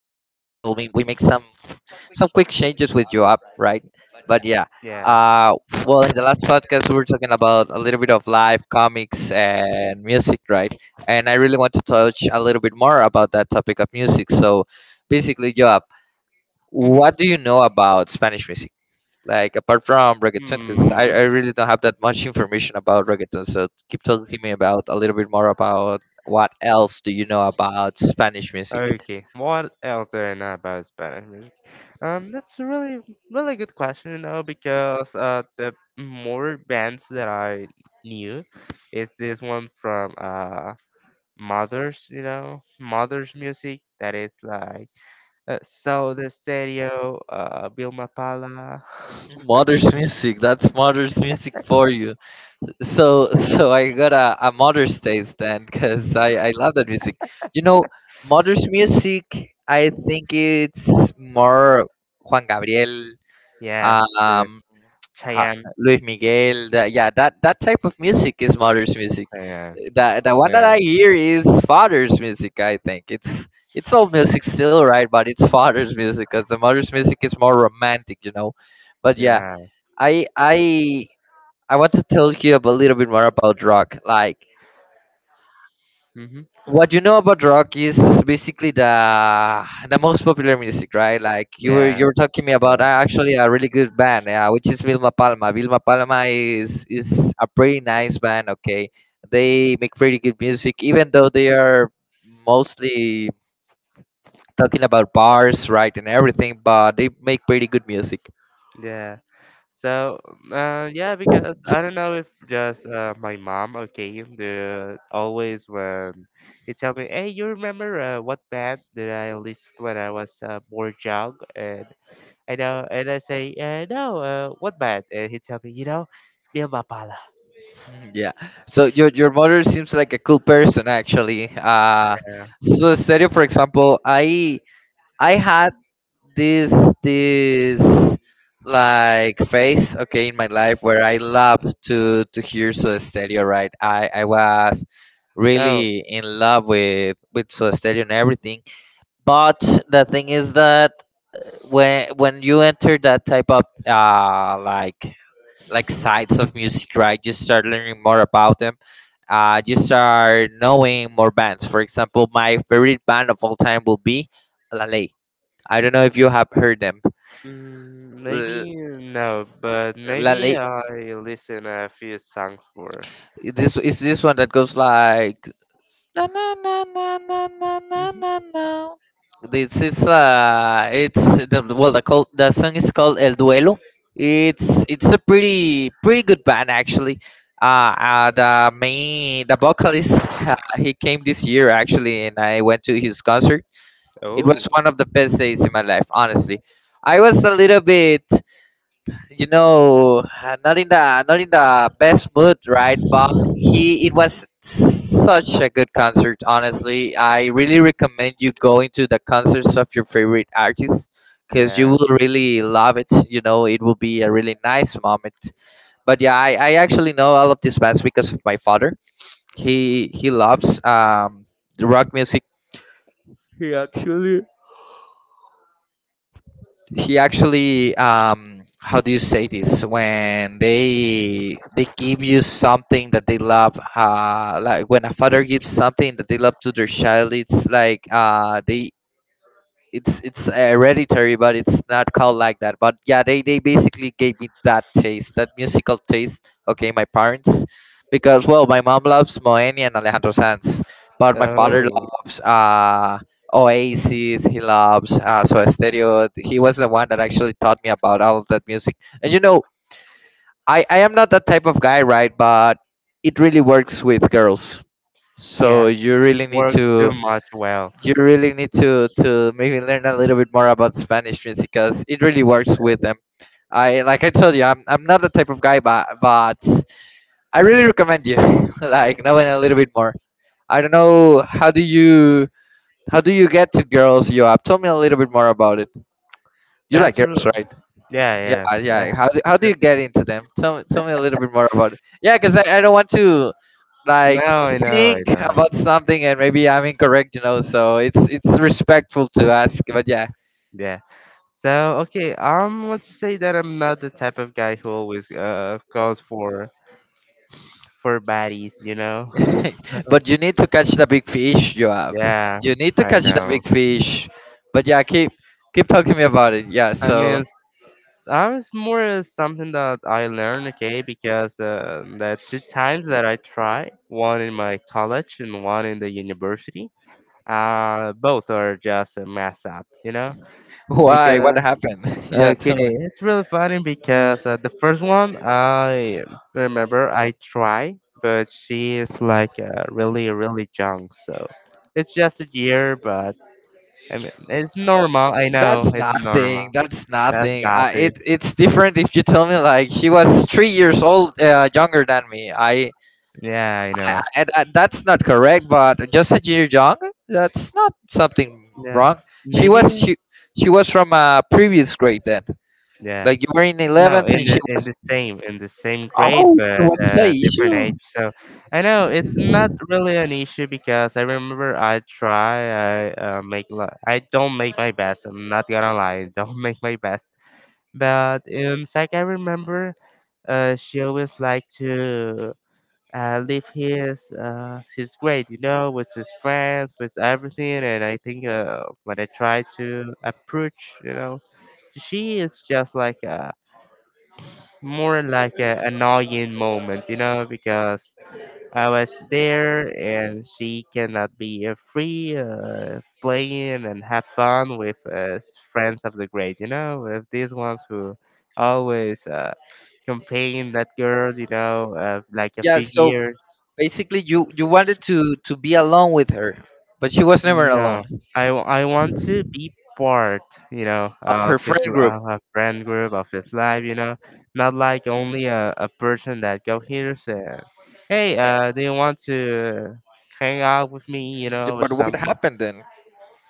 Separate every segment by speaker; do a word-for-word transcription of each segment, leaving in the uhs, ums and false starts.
Speaker 1: we we make some some quick changes with your app, right? But yeah,
Speaker 2: Yeah.
Speaker 1: uh, well, in the last podcast, we were talking about a little bit of life, comics, and music, right? And I really want to touch a little bit more about that topic of music. So, basically, Joab, what do you know about Spanish music? Like apart from reggaeton, because I,
Speaker 2: Hmm.
Speaker 1: I really don't have that much information about reggaeton. So keep talking me about a little bit more about what else do you know about Spanish music?
Speaker 2: Okay. What else do I know about Spanish music? Um, that's a really, really good question, you know, because uh, the more bands that I knew is this one from uh Mothers, you know, Mothers music that is like uh, Soul the Stereo, uh, Vilma Palma,
Speaker 1: Mother's music. That's mother's music for you. So so I got a, a mother's taste then, because I I love that music. You know, mother's music. I think it's more Juan Gabriel.
Speaker 2: yeah, yeah,
Speaker 1: Um, ha-
Speaker 2: Chayanne,
Speaker 1: Luis Miguel. That, yeah, that that type of music is mother's music.
Speaker 2: Chayanne,
Speaker 1: The the one that
Speaker 2: yeah,
Speaker 1: I hear is father's music. I think it's it's old music still, right? But it's father's music because the mother's music is more romantic, you know. But yeah,
Speaker 2: yeah,
Speaker 1: I I I want to tell you a little bit more about rock. Like
Speaker 2: mm-hmm,
Speaker 1: what you know about rock is basically the the most popular music, right? Like you were
Speaker 2: yeah,
Speaker 1: you were talking me about
Speaker 2: yeah.
Speaker 1: uh, actually a really good band, yeah, which is Vilma Palma. Vilma Palma is is a pretty nice band. Okay, they make pretty good music, even though they are mostly talking about bars, right, and everything. But they make pretty good music.
Speaker 2: Yeah. So, uh, yeah, because I don't know if just uh, my mom okay, the always when they tell me, "Hey, you remember uh, what band did I listen when I was uh, more young?" And I know, and I say, uh, "No, uh, what band?" And he tell me, "You know, Bill Mapala."
Speaker 1: Mhm. Yeah. So your your mother seems like a cool person actually. Uh,
Speaker 2: Uh,
Speaker 1: so Stereo for example, I I had this this like phase, okay, in my life where I love to to hear Soda Stereo, right? I I was
Speaker 2: oh,
Speaker 1: really in love with with Soda Stereo and everything, but the thing is that when when you enter that type of uh like like sides of music, right? You start learning more about them, uh, you start knowing more bands. For example, my favorite band of all time will be La Ley. I don't know if you have heard them.
Speaker 2: mm,
Speaker 1: uh,
Speaker 2: maybe no, but
Speaker 1: la-
Speaker 2: maybe
Speaker 1: la-
Speaker 2: I listen a few songs for.
Speaker 1: this is this one that goes like na na na na na na na
Speaker 2: Mhm.
Speaker 1: na na. This is uh, it's the well the called the song is called El Duelo. It's it's a pretty pretty good band actually. Uh, uh the main the vocalist, uh, he came this year actually, and I went to his concert. It
Speaker 2: Oh,
Speaker 1: was one of the best days in my life, honestly. I was a little bit, you know, uh, not in the not in the best mood, right? But he, it was such a good concert. Honestly, I really recommend you going to the concerts of your favorite artists because you
Speaker 2: yeah.
Speaker 1: will really love it. You know, it will be a really nice moment. But yeah, I, I actually know all of these bands because of my father. He he loves um the rock music. He actually he actually um, how do you say this when they they give you something that they love, uh, like when a father gives something that they love to their child, it's like, uh, they it's it's hereditary, but it's not called like that. But yeah, they they basically gave me that taste, that musical taste. Okay, my parents, because well, my mom loves Moeni and Alejandro Sanz, but my father
Speaker 2: Oh,
Speaker 1: loves uh Oasis. He loves uh Soda Stereo. He was the one that actually taught me about all of that music. And you know, I I am not that type of guy, right? But it really works with girls. So
Speaker 2: yeah.
Speaker 1: you really need
Speaker 2: Works too
Speaker 1: to
Speaker 2: much. Well,
Speaker 1: you really need to to maybe learn a little bit more about Spanish music because it really works with them. I like I told you, I'm I'm not the type of guy, but but I really recommend you like knowing a little bit more. I don't know how do you how do you get to girls you up? Tell me a little bit more about it. You like
Speaker 2: that's
Speaker 1: girls,
Speaker 2: real.
Speaker 1: right?
Speaker 2: Yeah,
Speaker 1: Yeah,
Speaker 2: yeah.
Speaker 1: yeah.
Speaker 2: yeah.
Speaker 1: How do, how do you get into them? Tell me tell me a little bit more about it. Yeah, because I, I don't want to
Speaker 2: No,
Speaker 1: like
Speaker 2: I know, I
Speaker 1: think
Speaker 2: know.
Speaker 1: about something and maybe I'm incorrect, you know. So it's it's respectful to ask, but yeah,
Speaker 2: Yeah. So, okay, um, let's just say that I'm not the type of guy who always uh goes for for baddies, you know?
Speaker 1: but you need to catch the big fish you have
Speaker 2: Yeah,
Speaker 1: you need to
Speaker 2: I
Speaker 1: catch the
Speaker 2: know.
Speaker 1: big fish but yeah keep keep talking me about it, yeah.
Speaker 2: I
Speaker 1: So
Speaker 2: mean, it's, I was more uh, something that I learned, okay, because uh, the two times that I tried, one in my college and one in the university. Uh, both are just a mess up, you know?
Speaker 1: why, what
Speaker 2: Because,
Speaker 1: happened? Yeah, tell
Speaker 2: okay,
Speaker 1: me.
Speaker 2: it's really funny because uh, the first one I remember I try, but she is like uh, really, really young, so it's just a year, but I mean, it's normal, I know,
Speaker 1: that's
Speaker 2: it's
Speaker 1: nothing
Speaker 2: normal.
Speaker 1: that's
Speaker 2: That's
Speaker 1: nothing uh,
Speaker 2: nothing.
Speaker 1: It it's different if you tell me like she was three years old, uh, younger than me. I,
Speaker 2: Yeah, I
Speaker 1: I,
Speaker 2: know.
Speaker 1: I I- that's not correct, but just a year young, that's not something
Speaker 2: Yeah,
Speaker 1: wrong. she was
Speaker 2: maybe.
Speaker 1: she she was from a previous grade then,
Speaker 2: Yeah.
Speaker 1: like you were in
Speaker 2: No,
Speaker 1: eleventh
Speaker 2: in
Speaker 1: and she
Speaker 2: the in
Speaker 1: was.
Speaker 2: the same in the same grade,
Speaker 1: Oh, so
Speaker 2: but
Speaker 1: what's the
Speaker 2: uh, different age.
Speaker 1: issue?
Speaker 2: So I know it's not really an issue because I remember I try. I uh, make li- I don't make my best. I'm not gonna lie. I don't make my best. But in fact, I remember uh, she always liked to uh, leave his uh, his grade, you know, with his friends, with everything. And I think uh, when I try to approach, you know, she is just like uh, more like an annoying moment, you know, because I was there and she cannot be uh, free uh, playing and have fun with uh, s- friends of the grade, you know, with these ones who always uh, campaign that girl, you know, uh, like a
Speaker 1: Yeah, so
Speaker 2: figure.
Speaker 1: basically you you wanted to to be alone with her, but she was never
Speaker 2: Mm, no,
Speaker 1: alone
Speaker 2: I, w- I want to be part, you know,
Speaker 1: of her
Speaker 2: of his
Speaker 1: friend
Speaker 2: l-
Speaker 1: group.
Speaker 2: of a friend group of his life, you know, not like only a, a person that go here saying, hey,
Speaker 1: Eh,
Speaker 2: uh, do you want to hang out with me, you
Speaker 1: yeah,
Speaker 2: know, or
Speaker 1: but what
Speaker 2: something.
Speaker 1: happened then?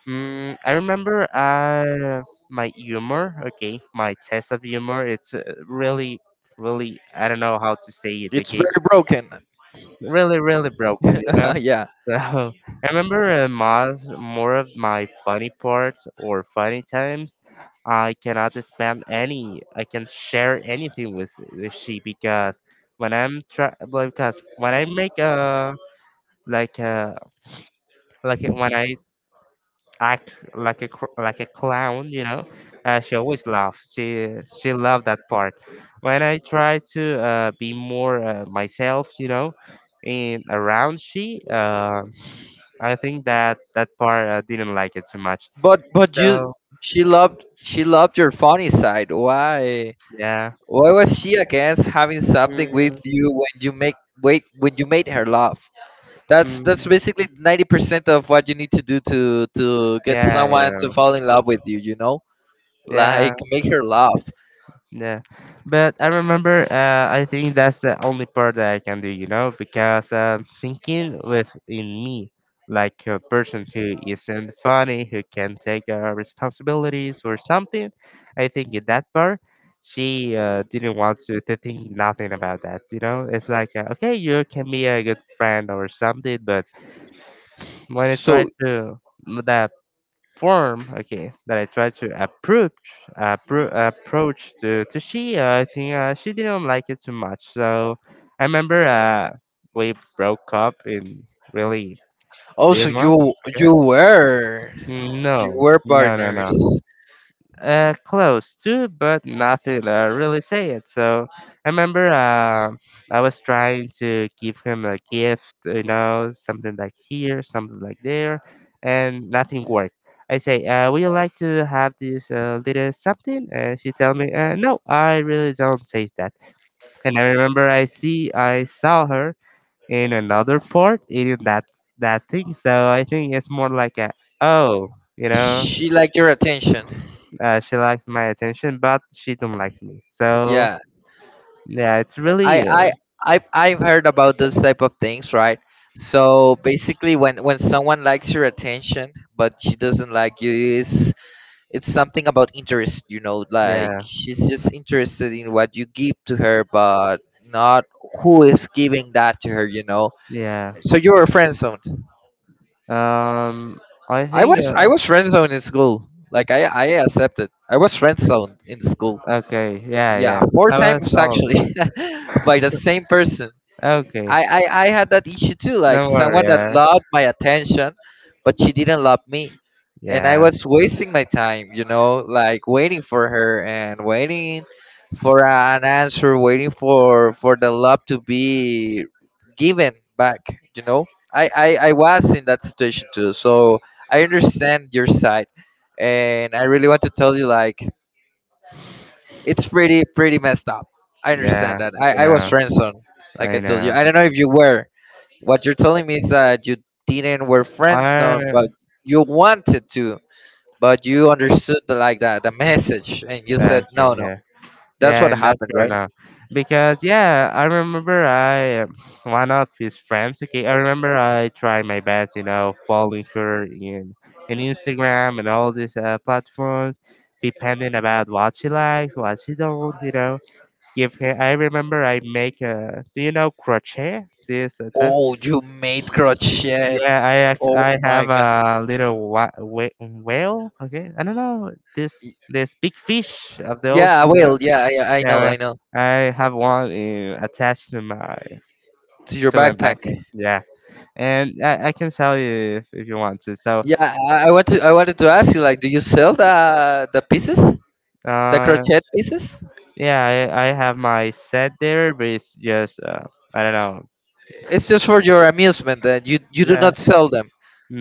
Speaker 2: Mm, I remember uh, my humor, okay, my test of humor. It's uh, really, really, I don't know how to say it,
Speaker 1: It's
Speaker 2: okay,
Speaker 1: very broken.
Speaker 2: really, really broken, you know.
Speaker 1: Yeah.
Speaker 2: So I remember uh, most more of my funny parts or funny times. I cannot spam any. I can share anything with with she because when I'm try like, because when I make a like a like a- when I act like a cr- like a clown, you know, uh, she always laugh. She she loved that part. When I try to uh, be more uh, myself, you know, in around she. Uh, I think that that part I didn't like it too much.
Speaker 1: But but you
Speaker 2: So
Speaker 1: she loved she loved your funny side. Why
Speaker 2: yeah,
Speaker 1: why was she against having something
Speaker 2: mm,
Speaker 1: with you when you make wait when you made her laugh? That's that's
Speaker 2: mm,
Speaker 1: basically ninety percent of what you need to do to to get
Speaker 2: yeah, you
Speaker 1: someone to
Speaker 2: know,
Speaker 1: fall in love with you. You know,
Speaker 2: yeah,
Speaker 1: like make her laugh.
Speaker 2: yeah. But I remember. Uh, I think that's the only part that I can do. You know, because uh, thinking within me, like a person who isn't funny, who can take uh, responsibilities or something. I think in that part. She uh, didn't want to, to think nothing about that, you know. It's like, uh, okay, you can be a good friend or something, but when I try
Speaker 1: So,
Speaker 2: to that form, okay, that I tried to approach appro- approach to to she, uh, I think uh, she didn't like it too much. So I remember uh, we broke up in really this
Speaker 1: also
Speaker 2: month.
Speaker 1: you
Speaker 2: Okay,
Speaker 1: you were you
Speaker 2: no,
Speaker 1: were
Speaker 2: no, no,
Speaker 1: partners.
Speaker 2: no uh, close to, but nothing uh, really say it. So I remember uh, I was trying to give him a gift, you know, something like here, something like there, and nothing worked. I say, uh, would you like to have this uh, little something? And she tell me, uh, no, I really don't say that. And I remember I see, I saw her in another part eating that that thing. So I think it's more like a, oh, you know.
Speaker 1: She liked your attention.
Speaker 2: Uh, she likes my attention, but she don't likes me. So
Speaker 1: Yeah,
Speaker 2: yeah, it's
Speaker 1: I
Speaker 2: really uh,
Speaker 1: I I I've heard about those type of things, right? So basically, when when someone likes your attention but she doesn't like you, is it's something about interest, you know, like
Speaker 2: yeah
Speaker 1: she's just interested in what you give to her, but not who is giving that to her, you know.
Speaker 2: yeah.
Speaker 1: So you were friend zoned.
Speaker 2: Um, I
Speaker 1: I
Speaker 2: think
Speaker 1: was I
Speaker 2: uh,
Speaker 1: was friend zoned in school. Like I I accepted. I was friend zoned in school.
Speaker 2: okay yeah
Speaker 1: Yeah,
Speaker 2: yeah.
Speaker 1: four
Speaker 2: I was
Speaker 1: times
Speaker 2: older.
Speaker 1: actually, by the same person.
Speaker 2: Okay,
Speaker 1: I, I I had that issue too. Like
Speaker 2: no worry.
Speaker 1: someone that
Speaker 2: Yeah
Speaker 1: loved my attention, but she didn't love me, and I
Speaker 2: yeah
Speaker 1: was wasting my time, you know, like waiting for her and waiting for a- an answer, waiting for for the love to be given back, you know. I I, I was in that situation too, so I understand your side, and I really want to tell you like it's pretty pretty messed up. I understand
Speaker 2: yeah.
Speaker 1: that. I
Speaker 2: I
Speaker 1: I was
Speaker 2: know
Speaker 1: friendzoned, like I
Speaker 2: I
Speaker 1: told you.
Speaker 2: know.
Speaker 1: I don't know if you were. What you're telling me is that you didn't were friendzoned,
Speaker 2: I
Speaker 1: but you wanted to but you understood the, like the, the message and you said
Speaker 2: okay
Speaker 1: no, no,
Speaker 2: yeah.
Speaker 1: that's what
Speaker 2: Yeah, in that
Speaker 1: happened, right?
Speaker 2: journal. Because yeah, I remember I um, one of his friends, okay, I remember I tried my best, you know, following her in in Instagram and all these uh, platforms, depending about what she likes, what she don't, you know. Give her I remember I make a do you know crochet? This uh, type?
Speaker 1: Oh, you made crochet.
Speaker 2: Yeah, I act,
Speaker 1: Oh
Speaker 2: I have
Speaker 1: my god.
Speaker 2: a little wa- wha- whale, okay? I don't know,
Speaker 1: Y-
Speaker 2: this this big fish of the
Speaker 1: yeah
Speaker 2: ocean,
Speaker 1: i
Speaker 2: you know
Speaker 1: will yeah i, I
Speaker 2: yeah,
Speaker 1: know,
Speaker 2: well,
Speaker 1: I know.
Speaker 2: I have one uh, attached to my
Speaker 1: To your
Speaker 2: to my
Speaker 1: backpack.
Speaker 2: backpack. Yeah, and I, I can tell you if, if you want to. So,
Speaker 1: Yeah, I, I want to I wanted to ask you like, do you sell the the pieces, the
Speaker 2: uh,
Speaker 1: crochet pieces?
Speaker 2: yeah, I, I have my set there, but it's just uh, I don't know.
Speaker 1: It's just for your amusement that you you do
Speaker 2: Yeah,
Speaker 1: not sell them.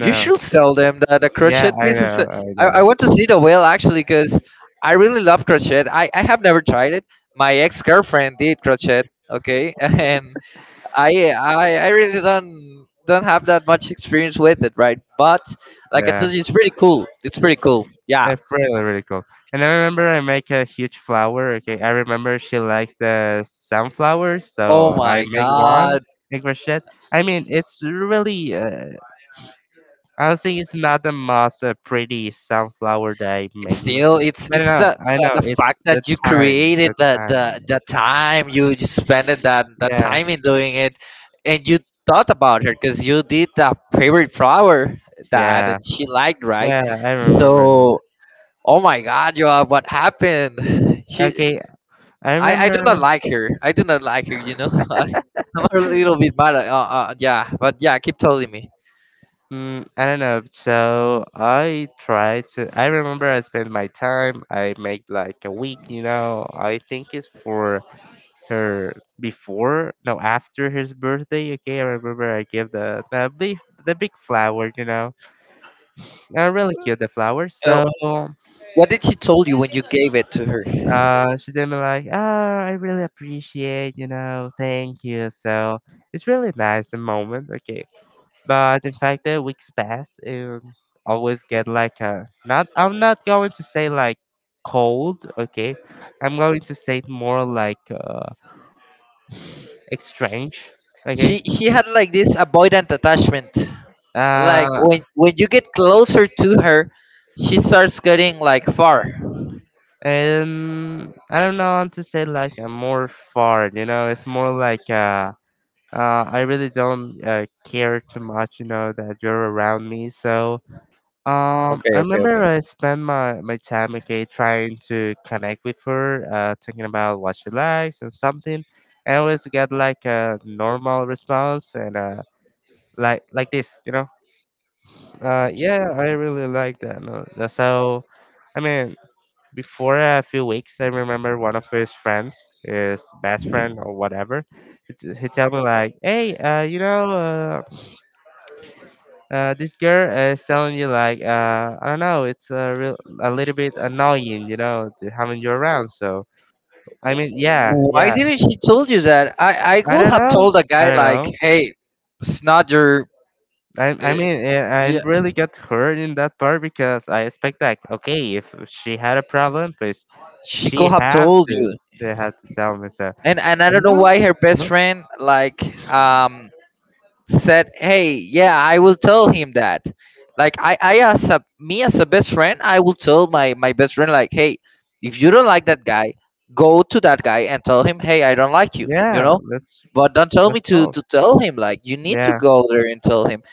Speaker 1: You should sell them. The, the
Speaker 2: yeah,
Speaker 1: crochet
Speaker 2: I
Speaker 1: pieces. uh,
Speaker 2: know, I
Speaker 1: I, I
Speaker 2: know.
Speaker 1: want to see the whale actually because I really love crochet. I, I have never tried it. My ex girlfriend did crochet. Okay, and I, I I really don't don't have that much experience with it, right? But like I
Speaker 2: Yeah,
Speaker 1: told you, it's pretty cool. It's pretty cool. Yeah.
Speaker 2: it's really really cool. And I remember I make a huge flower. Okay, I remember she likes the sunflowers,
Speaker 1: Oh
Speaker 2: so I
Speaker 1: my
Speaker 2: make one.
Speaker 1: god.
Speaker 2: Make crochet. I mean, it's really uh, I think it's not the most uh, pretty sunflower that I made.
Speaker 1: Still, it's
Speaker 2: But I
Speaker 1: it's
Speaker 2: know,
Speaker 1: the,
Speaker 2: I
Speaker 1: the
Speaker 2: know,
Speaker 1: the
Speaker 2: it's
Speaker 1: fact
Speaker 2: the
Speaker 1: that you
Speaker 2: time,
Speaker 1: created
Speaker 2: the
Speaker 1: the the
Speaker 2: time.
Speaker 1: the time you just spent it, that that
Speaker 2: Yeah,
Speaker 1: time in doing it. And you thought about her because you did the favorite flower that,
Speaker 2: yeah,
Speaker 1: that she liked, right?
Speaker 2: yeah. I remember it.
Speaker 1: So oh my god, you, what happened, she
Speaker 2: Okay, I
Speaker 1: i i do
Speaker 2: remember.
Speaker 1: not like her, I do not like her, you know. I'm a little bit mad at- uh, uh, Yeah, but yeah, keep telling me.
Speaker 2: Mm, I don't know. So I tried to. I remember I spent my time. I make like a week. You know. I think it's for her before. No, after his birthday. Okay, I remember I give the the big the big flower. You know uh, really cute the flowers.
Speaker 1: Uh,
Speaker 2: So
Speaker 1: what did she told you when you gave it to her?
Speaker 2: uh, she did me like, oh, I really appreciate, you know, thank you. So it's really nice the moment, okay. But in fact, the weeks pass and always get like a not. I'm not going to say like cold, okay. I'm going to say it more like uh, strange,
Speaker 1: she
Speaker 2: okay.
Speaker 1: she had like this avoidant attachment, like
Speaker 2: Uh,
Speaker 1: when when you get closer to her, she starts getting like far.
Speaker 2: and I don't know how to say like a more far, you know, it's more like uh uh, I really don't uh, care too much, you know, that you're around me. So, um, I
Speaker 1: Okay, okay,
Speaker 2: remember
Speaker 1: okay.
Speaker 2: I spent my, my time, okay, trying to connect with her, uh, thinking about what she likes and something. I always get like a normal response and uh, like like this, you know. Uh, yeah, I really like that. No, uh, so, I mean, before a few weeks, I remember one of his friends, his best friend or whatever, he t- he tell me like, hey, uh, you know, uh, uh, this girl is telling you like uh, I don't know, it's a real a little bit annoying, you know, to having you around. So I mean, yeah,
Speaker 1: Why
Speaker 2: yeah.
Speaker 1: didn't she told you that? I I
Speaker 2: I
Speaker 1: will
Speaker 2: don't
Speaker 1: have
Speaker 2: know.
Speaker 1: told a
Speaker 2: I
Speaker 1: guy
Speaker 2: don't
Speaker 1: like,
Speaker 2: know.
Speaker 1: hey, it's not your.
Speaker 2: I
Speaker 1: Uh,
Speaker 2: I mean, eh, I
Speaker 1: yeah,
Speaker 2: really got hurt in that part because I expect like, okay, if she had a problem, please
Speaker 1: she could
Speaker 2: she
Speaker 1: have
Speaker 2: have
Speaker 1: told you.
Speaker 2: to she had to tell me. So
Speaker 1: And and I
Speaker 2: And
Speaker 1: don't know
Speaker 2: no,
Speaker 1: why her best
Speaker 2: no,
Speaker 1: friend like um said, "Hey, yeah, I will tell him that." Like I, I as a me as a best friend, I will tell my my best friend like, "Hey, if you don't like that guy, go to that guy and tell him, hey, I don't like you," you
Speaker 2: yeah,
Speaker 1: know.
Speaker 2: that's
Speaker 1: But don't tell me
Speaker 2: that's
Speaker 1: to
Speaker 2: all.
Speaker 1: to tell him. Like you need to
Speaker 2: Yeah,
Speaker 1: go there and tell him,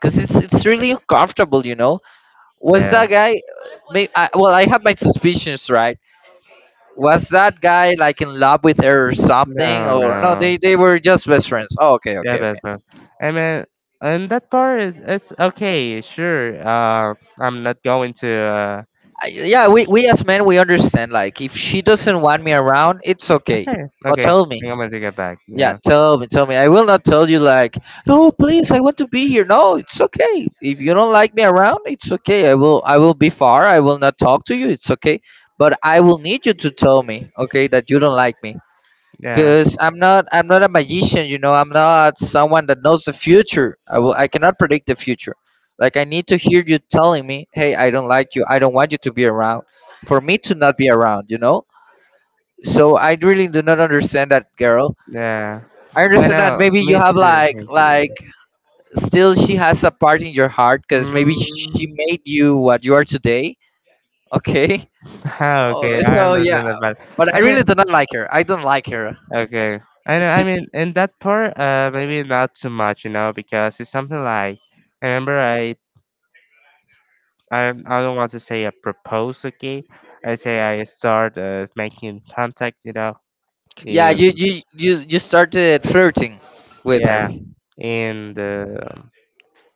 Speaker 1: because it's it's really uncomfortable. You know, was
Speaker 2: yeah.
Speaker 1: that guy? Uh, may, I, well, I have my suspicions, right? Was that guy like in love with her or something?
Speaker 2: No,
Speaker 1: Or no,
Speaker 2: no.
Speaker 1: they they were just best friends. Oh, okay,
Speaker 2: Yeah,
Speaker 1: okay, okay.
Speaker 2: best I mean, and that part is, is okay, sure. Uh, I'm not going to. Uh,
Speaker 1: I, yeah, we we as men we understand. Like if she doesn't want me around, it's okay.
Speaker 2: okay,
Speaker 1: But
Speaker 2: okay.
Speaker 1: tell me.
Speaker 2: I'm going to get back. You
Speaker 1: Yeah,
Speaker 2: know.
Speaker 1: tell me, tell me. I will not tell you like, no, please, I want to be here. No, it's okay. If you don't like me around, it's okay. I will I will be far. I will not talk to you. It's okay. But I will need you to tell me, okay, that you don't like me
Speaker 2: Yeah,
Speaker 1: because i'm not i'm not a magician, you know I'm not someone that knows the future. I will, I cannot predict the future. Like I need to hear you telling me, hey, I don't like you, I don't want you to be around for me to not be around, you know. So I really do not understand that girl.
Speaker 2: yeah.
Speaker 1: I
Speaker 2: I
Speaker 1: understand that
Speaker 2: know.
Speaker 1: maybe you
Speaker 2: Me
Speaker 1: have
Speaker 2: too.
Speaker 1: like
Speaker 2: Thank
Speaker 1: like
Speaker 2: you.
Speaker 1: still she has a part in your heart because maybe she
Speaker 2: Mm.
Speaker 1: made you what you are today. Okay.
Speaker 2: Ah,
Speaker 1: Oh,
Speaker 2: okay, I
Speaker 1: so yeah,
Speaker 2: understand that part.
Speaker 1: but I
Speaker 2: I
Speaker 1: really
Speaker 2: mean,
Speaker 1: do not like her, I don't like her.
Speaker 2: okay. I know. I mean, in that part, uh, maybe not too much, you know, because it's something like. I remember I. I I don't want to say I propose, okay? I say I start uh, making contact, you know,
Speaker 1: Yeah, you
Speaker 2: Um,
Speaker 1: you you you started flirting with her
Speaker 2: yeah,
Speaker 1: to
Speaker 2: and uh,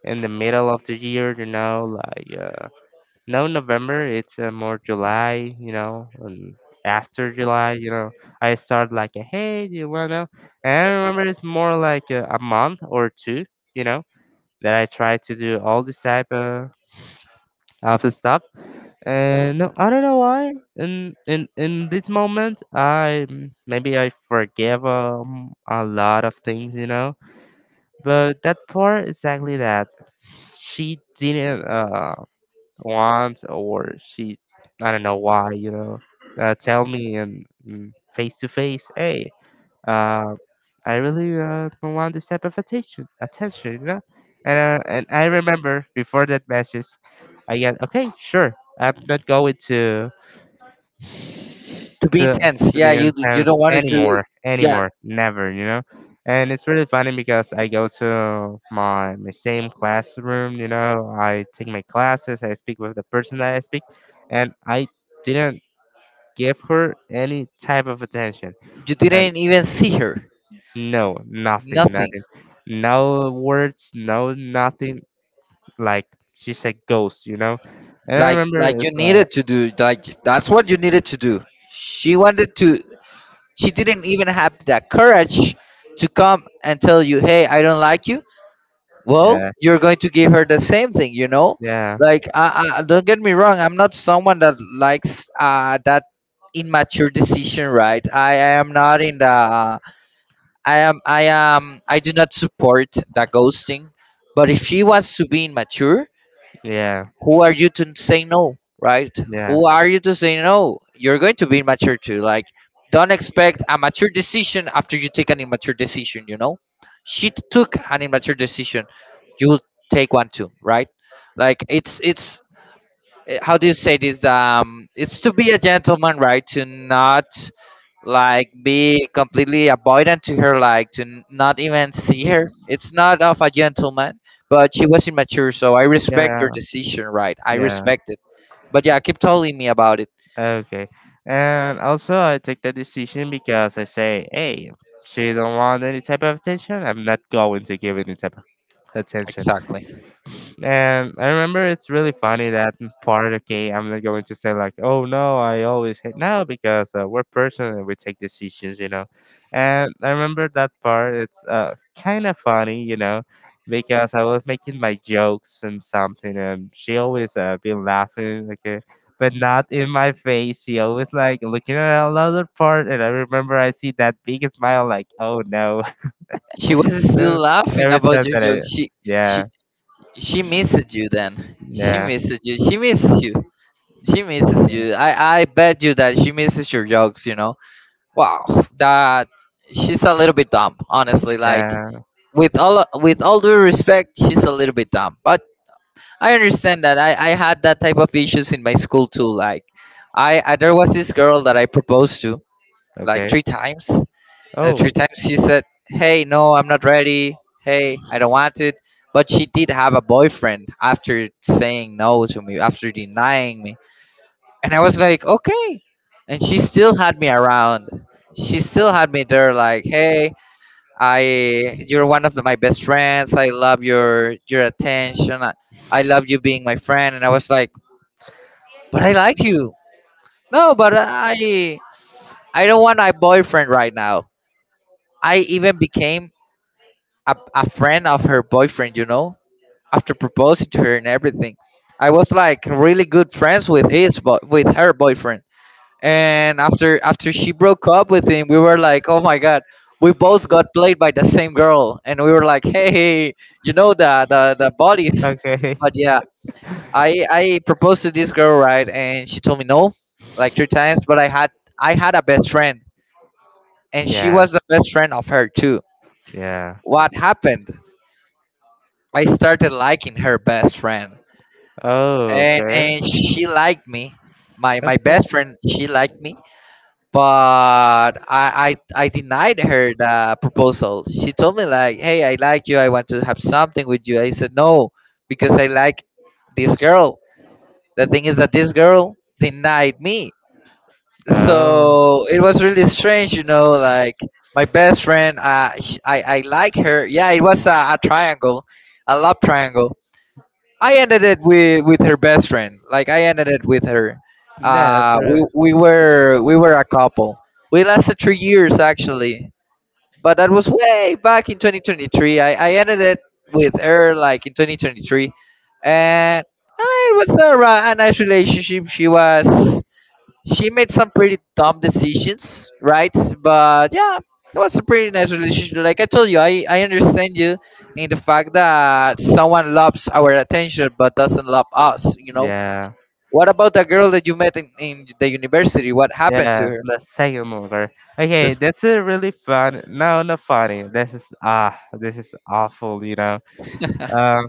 Speaker 2: in the middle of the year, you know, like uh, no November, it's uh, more July, you know, and after July, you know, I start like, a, hey, do you wanna? And I remember it's more like a, a month or two, you know, that I try to do all this type of of stuff. And no, I don't know why. In in in this moment, I maybe I forgive um, a lot of things, you know. But that part exactly that she didn't uh want or she I don't know why you know uh, tell me and mm, face to face hey uh I really uh, don't want this type of attention attention you know and uh, and I remember before that message I get okay sure I'm not going to
Speaker 1: be
Speaker 2: to
Speaker 1: intense.
Speaker 2: to
Speaker 1: Yeah,
Speaker 2: be
Speaker 1: you d- you
Speaker 2: intense
Speaker 1: don't want it to.
Speaker 2: anymore,
Speaker 1: Yeah,
Speaker 2: anymore, never, you know. And it's really funny because I go to my my same classroom, you know. I take my classes, I speak with the person that I speak, and I didn't give her any type of attention.
Speaker 1: you
Speaker 2: And
Speaker 1: didn't even see her.
Speaker 2: no, nothing,
Speaker 1: Nothing.
Speaker 2: nothing, no words, no nothing. Like she's a ghost, you know. And I
Speaker 1: Like like
Speaker 2: remember
Speaker 1: you
Speaker 2: it's like,
Speaker 1: needed to do. Like that's what you needed to do. She wanted to. She didn't even have that courage to come and tell you, "Hey, I don't like you." Well,
Speaker 2: yeah,
Speaker 1: you're going to give her the same thing, you know.
Speaker 2: yeah,
Speaker 1: Like, I, I, don't get me wrong. I'm not someone that likes uh, that immature decision, right? I, I am not in the I am I am I do not support the ghosting, but if she wants to be immature,
Speaker 2: yeah,
Speaker 1: who are you to say no, right?
Speaker 2: yeah,
Speaker 1: Who are you to say no? You're going to be immature too. Like don't expect a mature decision after you take an immature decision, you know? She t- took an immature decision. You will take one too, right? Like it's it's eh, how do you say this? Um, it's to be a gentleman, right? To not like be completely avoidant to her, like to n- not even see her. It's not of a gentleman, but she was immature, so I respect your
Speaker 2: yeah,
Speaker 1: decision, right? I
Speaker 2: yeah.
Speaker 1: respect it. But yeah, keep telling me about it.
Speaker 2: Okay. And also, I take the decision because I say, hey, she don't want any type of attention. I'm not going to give any type of attention.
Speaker 1: Exactly.
Speaker 2: And I remember it's really funny that m- part. Okay, I'm not going to say like, oh no, I always hate no because uh, we're personal and we take decisions, you know. And I remember that part. It's uh kind of funny, you know, because I was making my jokes and something, and she always uh been laughing, okay, but not in my face. She always like looking at another part, and I remember I see that big smile, like, oh no,
Speaker 1: She was still laughing
Speaker 2: every
Speaker 1: about
Speaker 2: time
Speaker 1: your
Speaker 2: that I,
Speaker 1: jokes. She she
Speaker 2: yeah,
Speaker 1: she misses you then. She
Speaker 2: yeah,
Speaker 1: misses you. She misses you. She misses
Speaker 2: yeah.
Speaker 1: you. I I bet you that she misses your jokes. You know. Wow, that she's a little bit dumb, honestly. Like
Speaker 2: Yeah.
Speaker 1: with all with all due respect, she's a little bit dumb. But I understand that I, I had that type of issues in my school too. Like I, I there was this girl that I proposed to like
Speaker 2: Okay.
Speaker 1: three times, and the three
Speaker 2: Oh,
Speaker 1: times she said, "Hey, no, I'm not ready. Hey, I don't want it." But she did have a boyfriend after saying no to me, after denying me, and I was like, okay. And she still had me around. She still had me there, like, hey, I, you're one of the, my best friends. I love your your attention. I, I love you being my friend. And I was like, but I like you. No, but I, I don't want a boyfriend right now. I even became a, a friend of her boyfriend, you know, after proposing to her and everything. I was like really good friends with his, boy with her boyfriend, and after after she broke up with him, we were like, oh my god, we both got played by the same girl, and we were like hey hey, you know the the, the bodies.
Speaker 2: okay.
Speaker 1: But yeah, i i proposed to this girl, right, and she told me no like three times. But I had i had a best friend, and she
Speaker 2: Yeah.
Speaker 1: was the best friend of her too.
Speaker 2: Yeah.
Speaker 1: What happened? I started liking her best friend,
Speaker 2: Oh,
Speaker 1: and
Speaker 2: okay.
Speaker 1: and she liked me. my
Speaker 2: Okay.
Speaker 1: my best friend she liked me. But I, I I denied her the proposal. She told me like, "Hey, I like you. I want to have something with you." I said no because I like this girl. The thing is that this girl denied me,
Speaker 2: Oh.
Speaker 1: so it was really strange, you know. Like my best friend, uh, sh- I I like her. Yeah, it was a, a triangle, a love triangle. I ended it with with her best friend. Like I ended it with her.
Speaker 2: Yeah, that's
Speaker 1: Uh,
Speaker 2: really,
Speaker 1: we we were we were a couple. We lasted three years actually, but that was way back in twenty twenty-three. I, I ended it with her like in twenty twenty-three, and uh, it was a, ra- a nice relationship. She was she made some pretty dumb decisions, right? But yeah, it was a pretty nice relationship. Like I told you, I, I understand you in the fact that someone loves our attention but doesn't love us, you know?
Speaker 2: yeah,
Speaker 1: What about the girl that you met in, in the university? What happened to
Speaker 2: yeah,
Speaker 1: her?
Speaker 2: the second longer. Okay,
Speaker 1: This
Speaker 2: that's a really fun. No, not funny. This is ah, this is awful. You know.
Speaker 1: She
Speaker 2: Um,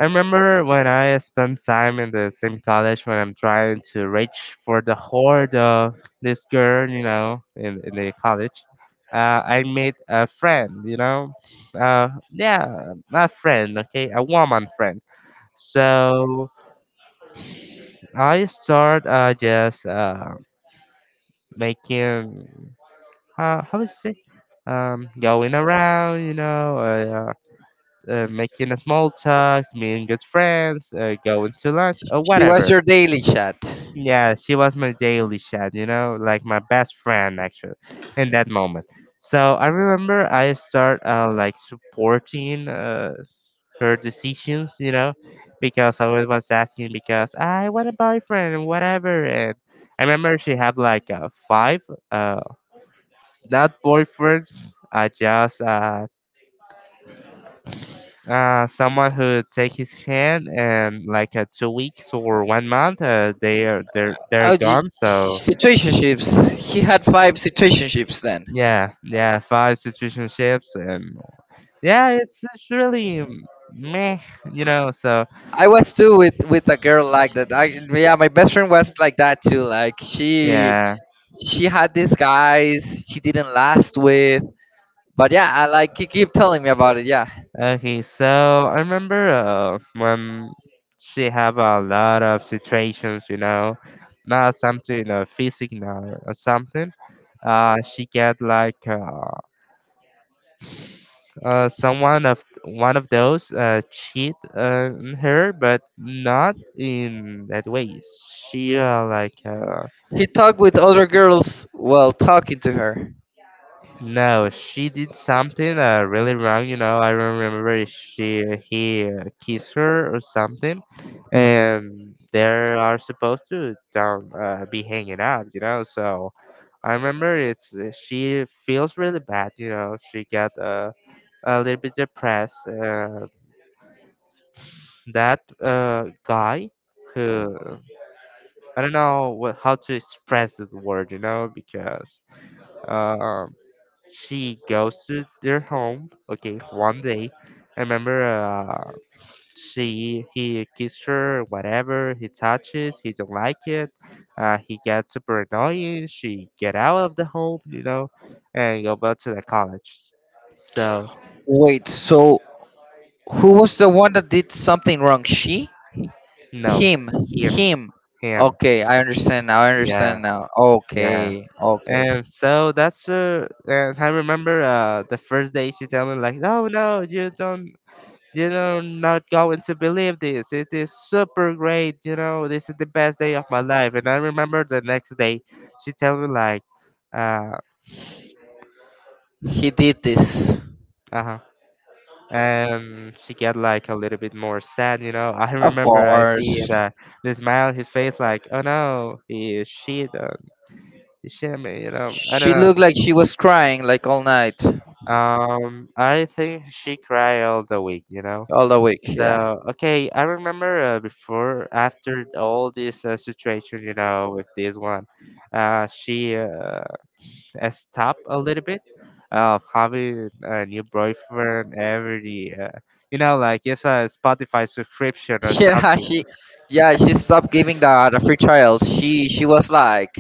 Speaker 2: I remember when I spent time in the same college when I'm trying to reach for the hoard of this girl, you know, in, in the college. Uh, I made a friend, you know, uh, yeah, a friend, okay, a woman friend. So I start uh, just uh, making, uh, how is it? Um, going around, you know, uh, uh, uh, making a small talks, meeting good friends, uh, going to lunch, or
Speaker 1: was
Speaker 2: whatever.
Speaker 1: your daily chat.
Speaker 2: Yeah, she was my daily chat, you know, like my best friend actually in that moment. So I remember I start uh, like supporting uh, her decisions, you know, because I was was asking because I want a boyfriend and whatever. And I remember she had like uh, five, uh, not boyfriends, uh, just uh, uh, someone who take his hand and like uh, two weeks or one month, uh, they are they're they're
Speaker 1: Oh, you,
Speaker 2: gone. So
Speaker 1: situationships. He had five situationships then.
Speaker 2: yeah, yeah, five situationships, and yeah, it's it's really meh, you know. So
Speaker 1: I was too with with a girl like that. I yeah, my best friend was like that too. Like she
Speaker 2: yeah,
Speaker 1: she had these guys she didn't last with. But yeah, I like he keep telling me about it. Yeah,
Speaker 2: okay. So I remember uh, when she have a lot of situations, you know, not something uh, physical or or something. Uh, she get like uh, uh someone of one of those uh cheat uh, on her, but not in that way. She uh, like uh
Speaker 1: he talked with other girls while talking to her.
Speaker 2: no, she did something uh, really wrong. You know, I don't remember if she he uh, kissed her or something, Mm. and they are supposed to don't uh, be hanging out. You know, so I remember it's uh, she feels really bad. You know, she got uh, a little bit depressed. Uh, that uh, guy who I don't know what, how to express the word. You know, because. Um, she goes to their home. Okay, one day, I remember uh, she he kissed her, whatever. He touches, he don't like it. Uh, he gets super annoying. She get out of the home, you know, and go back to the college. So
Speaker 1: Wait, so who was the one that did something wrong? She?
Speaker 2: no,
Speaker 1: Him?
Speaker 2: him,
Speaker 1: Him?
Speaker 2: him,
Speaker 1: Okay, I understand now. I
Speaker 2: yeah,
Speaker 1: understand now.
Speaker 2: yeah.
Speaker 1: Okay, okay.
Speaker 2: And so that's uh, and I remember uh the first day she tell me like, no, no, you don't. You know, not going to believe this. It is super great. You know, this is the best day of my life. And I remember the next day, she told me like, uh,
Speaker 1: He did this.
Speaker 2: uh huh, and she get like a little bit more sad. You know, I
Speaker 1: Of
Speaker 2: remember I see
Speaker 1: course.
Speaker 2: the the smile on his face like, oh no, he is shit on he shit me. You know, I
Speaker 1: She
Speaker 2: don't
Speaker 1: looked like she was crying like all night,
Speaker 2: know. Um, I think she cried all the week. You know.
Speaker 1: all the week. Yeah.
Speaker 2: So okay, I remember uh, before after all this uh, situation, you know, with this one, uh, she uh, has stopped a little bit of having a new boyfriend every, uh, you know, like it's a Spotify subscription or
Speaker 1: Yeah,
Speaker 2: something.
Speaker 1: she, yeah, she stopped giving the, the free trial. she she was like,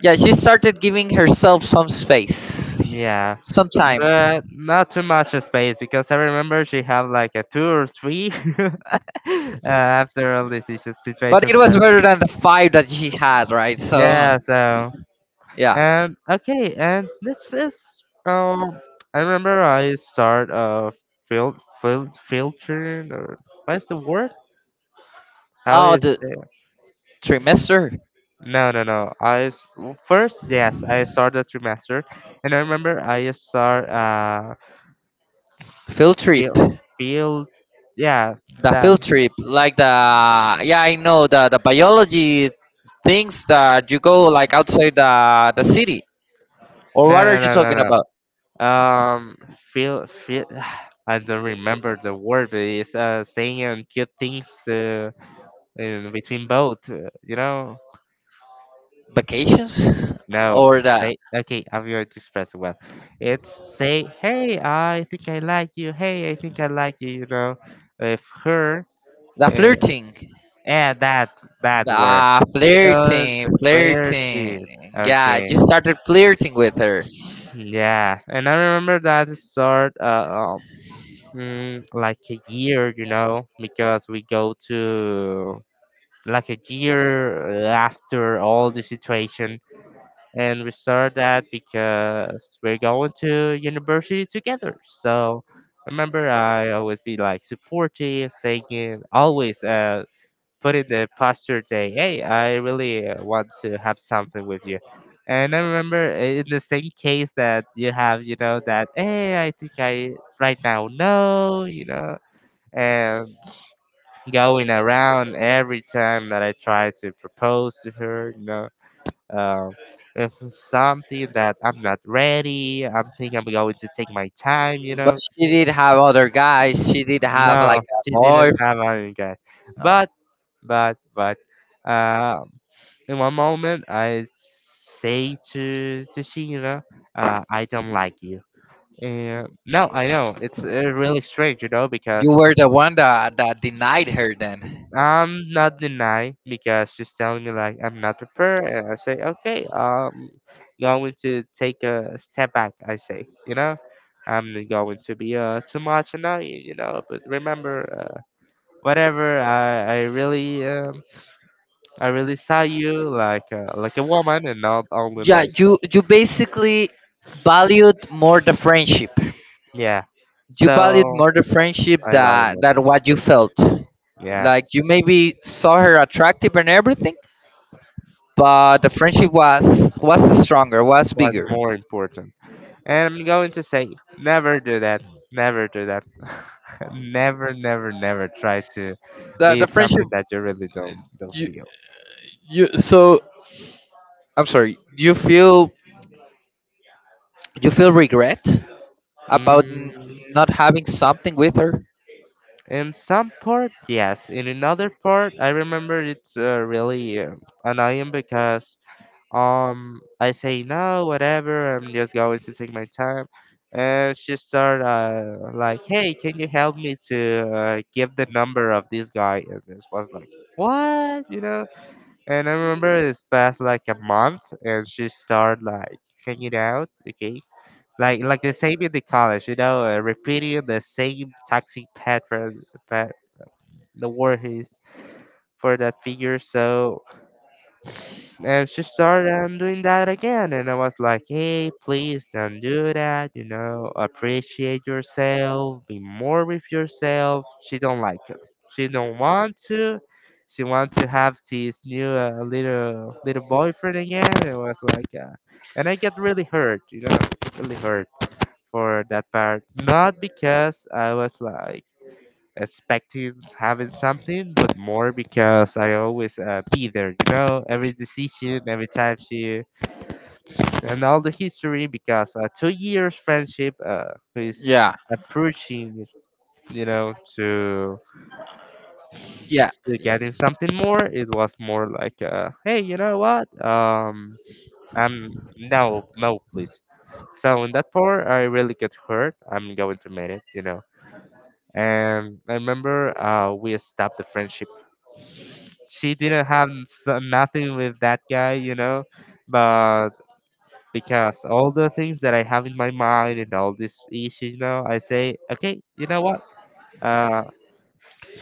Speaker 1: yeah, she started giving herself some space,
Speaker 2: Yeah,
Speaker 1: some time.
Speaker 2: but not too much of space because I remember she had like a two or three uh, after all this situ-
Speaker 1: But
Speaker 2: situation.
Speaker 1: it was
Speaker 2: So
Speaker 1: better than the five that she had, right? So
Speaker 2: yeah, so.
Speaker 1: yeah.
Speaker 2: And okay, and this is um I remember I start uh fil fil filtering or what's the word? How
Speaker 1: Oh,
Speaker 2: is
Speaker 1: the
Speaker 2: it?
Speaker 1: trimester,
Speaker 2: No, no, no. I s- w- first yes, I started the trimester, and I remember I start uh
Speaker 1: field trip,
Speaker 2: feel
Speaker 1: the
Speaker 2: feel yeah that
Speaker 1: field trip, like the, yeah, I know, the the biology things that you go like outside the the city. Or
Speaker 2: no
Speaker 1: what are
Speaker 2: no
Speaker 1: you
Speaker 2: no no
Speaker 1: talking about?
Speaker 2: no um feel feel I don't remember the word, but it's uh saying and cute things to in between both, uh, you know.
Speaker 1: Vacations?
Speaker 2: No,
Speaker 1: Or the
Speaker 2: say okay. I'm going to express it well. It's say, hey, I think I like you. Hey, I think I like you. You know, if her
Speaker 1: the
Speaker 2: uh,
Speaker 1: flirting.
Speaker 2: and that that word
Speaker 1: Ah,
Speaker 2: feel
Speaker 1: flirting,
Speaker 2: the
Speaker 1: flirting.
Speaker 2: flirting.
Speaker 1: Yeah, I
Speaker 2: Okay,
Speaker 1: just started flirting with her.
Speaker 2: yeah, and I remember that it started uh, um, mm, like a year, you know, because we go to like a year after all the situation and we start that because we're going to university together. So remember, I always be like supportive, saying always uh put in the posture day. Hey, I really uh, want to have something with you. And I remember i- in the same case that you have, you know, that hey, I think I right now no, you know, and going around every time that I try to propose to her, you know. Uh, if it's something that I'm not ready, I'm thinking I'm going to take my time, you
Speaker 1: But
Speaker 2: know.
Speaker 1: she did have other guys. She did have
Speaker 2: No,
Speaker 1: like a
Speaker 2: she didn't
Speaker 1: boyfriend.
Speaker 2: have any guy.
Speaker 1: Uh,
Speaker 2: But, but, but, uh, in one moment, I say to to she, you know, uh, I don't like you. And no, I know it's uh, really strange, you know, because
Speaker 1: you were the one that, that denied her then.
Speaker 2: I'm not denying because she's telling me like I'm not prepared, and I say okay, um, going to take a step back. I say, you know, I'm going to be uh too much and not you know, but remember, uh, whatever I I really um I really saw you like uh, like a woman and not only
Speaker 1: Yeah,
Speaker 2: like
Speaker 1: you you basically valued more the friendship.
Speaker 2: yeah,
Speaker 1: You valued
Speaker 2: so
Speaker 1: more the friendship
Speaker 2: I love
Speaker 1: that
Speaker 2: the.
Speaker 1: that what you felt.
Speaker 2: Yeah,
Speaker 1: Like you maybe saw her attractive and everything, but the friendship was was stronger, was
Speaker 2: what's
Speaker 1: bigger.
Speaker 2: more important? And I'm going to say, never do that. Never do that. Never, never, never try to
Speaker 1: The
Speaker 2: be
Speaker 1: the
Speaker 2: something
Speaker 1: friendship.
Speaker 2: that you really don't don't
Speaker 1: You,
Speaker 2: feel.
Speaker 1: you, so I'm sorry. You feel you feel regret about n-
Speaker 2: Mm,
Speaker 1: not having something with her?
Speaker 2: in some part, yes. In another part, I remember it's uh, really uh, annoying because um I say no, whatever. I'm just going to take my time, and she start uh, like, hey, can you help me to uh, give the number of this guy? And this was like, what you know? And I remember it's passed like a month, and she started like hanging out, okay? Like like the same in the college, you know, uh, repeating the same toxic pattern, pat, the word is for that figure. So and she started um, doing that again. And I was like, hey, please don't do that. You know, appreciate yourself. Be more with yourself. She don't like it. She don't want to. She wants to have this new uh, little little boyfriend again. It was like, uh, and I get really hurt. You know, really hurt for that part. Not because I was like expecting having something, but more because I always uh, be there, you know, every decision, every time she, and all the history because uh, two years friendship uh, is
Speaker 1: Yeah,
Speaker 2: approaching, you know, to,
Speaker 1: yeah.
Speaker 2: to getting something more. It was more like, uh, hey, you know what? Um, I'm no, no, please. So in that part, I really get hurt. I'm going to make it, you know. And I remember uh, we stopped the friendship. She didn't have s- nothing with that guy, you know, but because all the things that I have in my mind and all these issues now, I say, okay, you know what? Uh,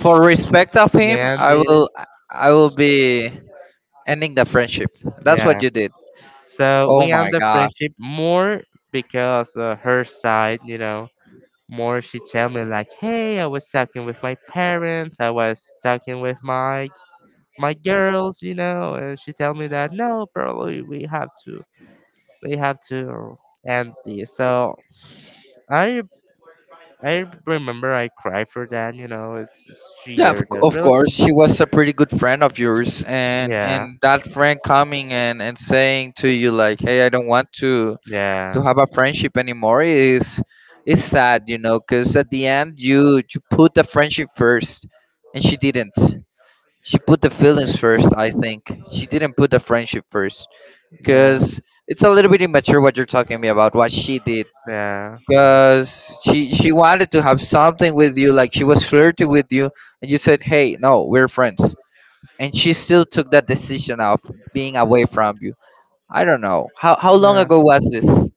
Speaker 1: For respect of
Speaker 2: we
Speaker 1: him,
Speaker 2: end
Speaker 1: I
Speaker 2: this.
Speaker 1: will I will be ending the friendship. That's what
Speaker 2: Yeah.
Speaker 1: you did.
Speaker 2: So
Speaker 1: Oh
Speaker 2: we end
Speaker 1: my
Speaker 2: the
Speaker 1: god.
Speaker 2: friendship more because uh, her side, you know, more she tell me like, hey, I was talking with my parents, I was talking with my my girls, you know, and she tell me that no, bro, we we have to, we have to end this. So I I remember I cried for that. You know, it's, it's
Speaker 1: Yeah, of,
Speaker 2: year
Speaker 1: c-
Speaker 2: that
Speaker 1: of course. She
Speaker 2: relationship.
Speaker 1: was a pretty good friend of yours, and
Speaker 2: Yeah,
Speaker 1: and that friend coming and and saying to you like, "Hey, I don't want to to
Speaker 2: yeah,
Speaker 1: have a friendship anymore." Is is sad, you know, because at the end you you put the friendship first, and she didn't. She put the feelings first. I think she didn't put the friendship first
Speaker 2: yeah,
Speaker 1: because it's a little bit immature what you're talking to me about what she did.
Speaker 2: yeah,
Speaker 1: Because she she wanted to have something with you, like she was flirting with you, and you said, hey no, we're friends, and she still took that decision of being away from you. I don't know how how long
Speaker 2: yeah.
Speaker 1: ago was this.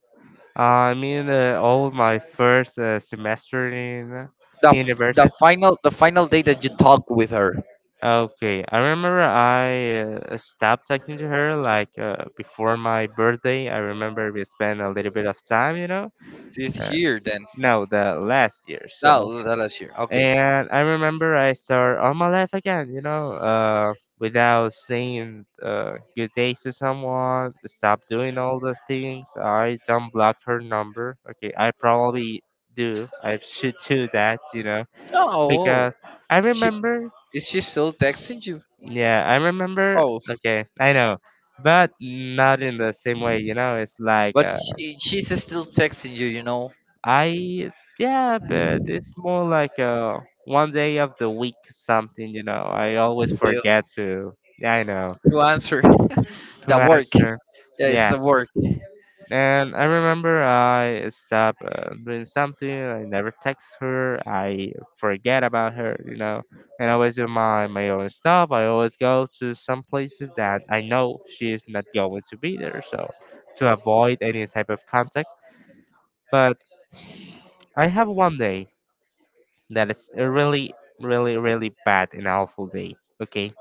Speaker 2: Uh, I mean, uh, all of my first uh, semester in
Speaker 1: The f- the
Speaker 2: university.
Speaker 1: final, the final day that you talked with her.
Speaker 2: Okay, I remember I uh, stopped talking to her like uh, before my birthday. I remember we spent a little bit of time, you know.
Speaker 1: This
Speaker 2: Uh,
Speaker 1: year then?
Speaker 2: no, the last year. So
Speaker 1: No, that last year. Okay.
Speaker 2: and I remember I start all my life again, you know, uh, without saying uh, good days to someone, stop doing all the things. I don't block her number. Okay, I probably do. I should do that, you know,
Speaker 1: No,
Speaker 2: because I
Speaker 1: she
Speaker 2: remember,
Speaker 1: is she still texting you?
Speaker 2: yeah, I remember,
Speaker 1: Oh.
Speaker 2: okay, I know, but not in the same way, you know, it's like,
Speaker 1: But
Speaker 2: uh,
Speaker 1: she, she's still texting you, you know,
Speaker 2: I yeah, but it's more like a one day of the week something, you know. I always
Speaker 1: still
Speaker 2: forget to yeah, I know.
Speaker 1: to answer
Speaker 2: To
Speaker 1: the work.
Speaker 2: answer.
Speaker 1: Yeah, it's
Speaker 2: Yeah.
Speaker 1: the work.
Speaker 2: And I remember I stopped uh, doing something, I never text her, I forget about her, you know. And I always do my my own stuff. I always go to some places that I know she is not going to be there, so to avoid any type of contact. But I have one day. That is a really, really, really bad and awful day. Okay,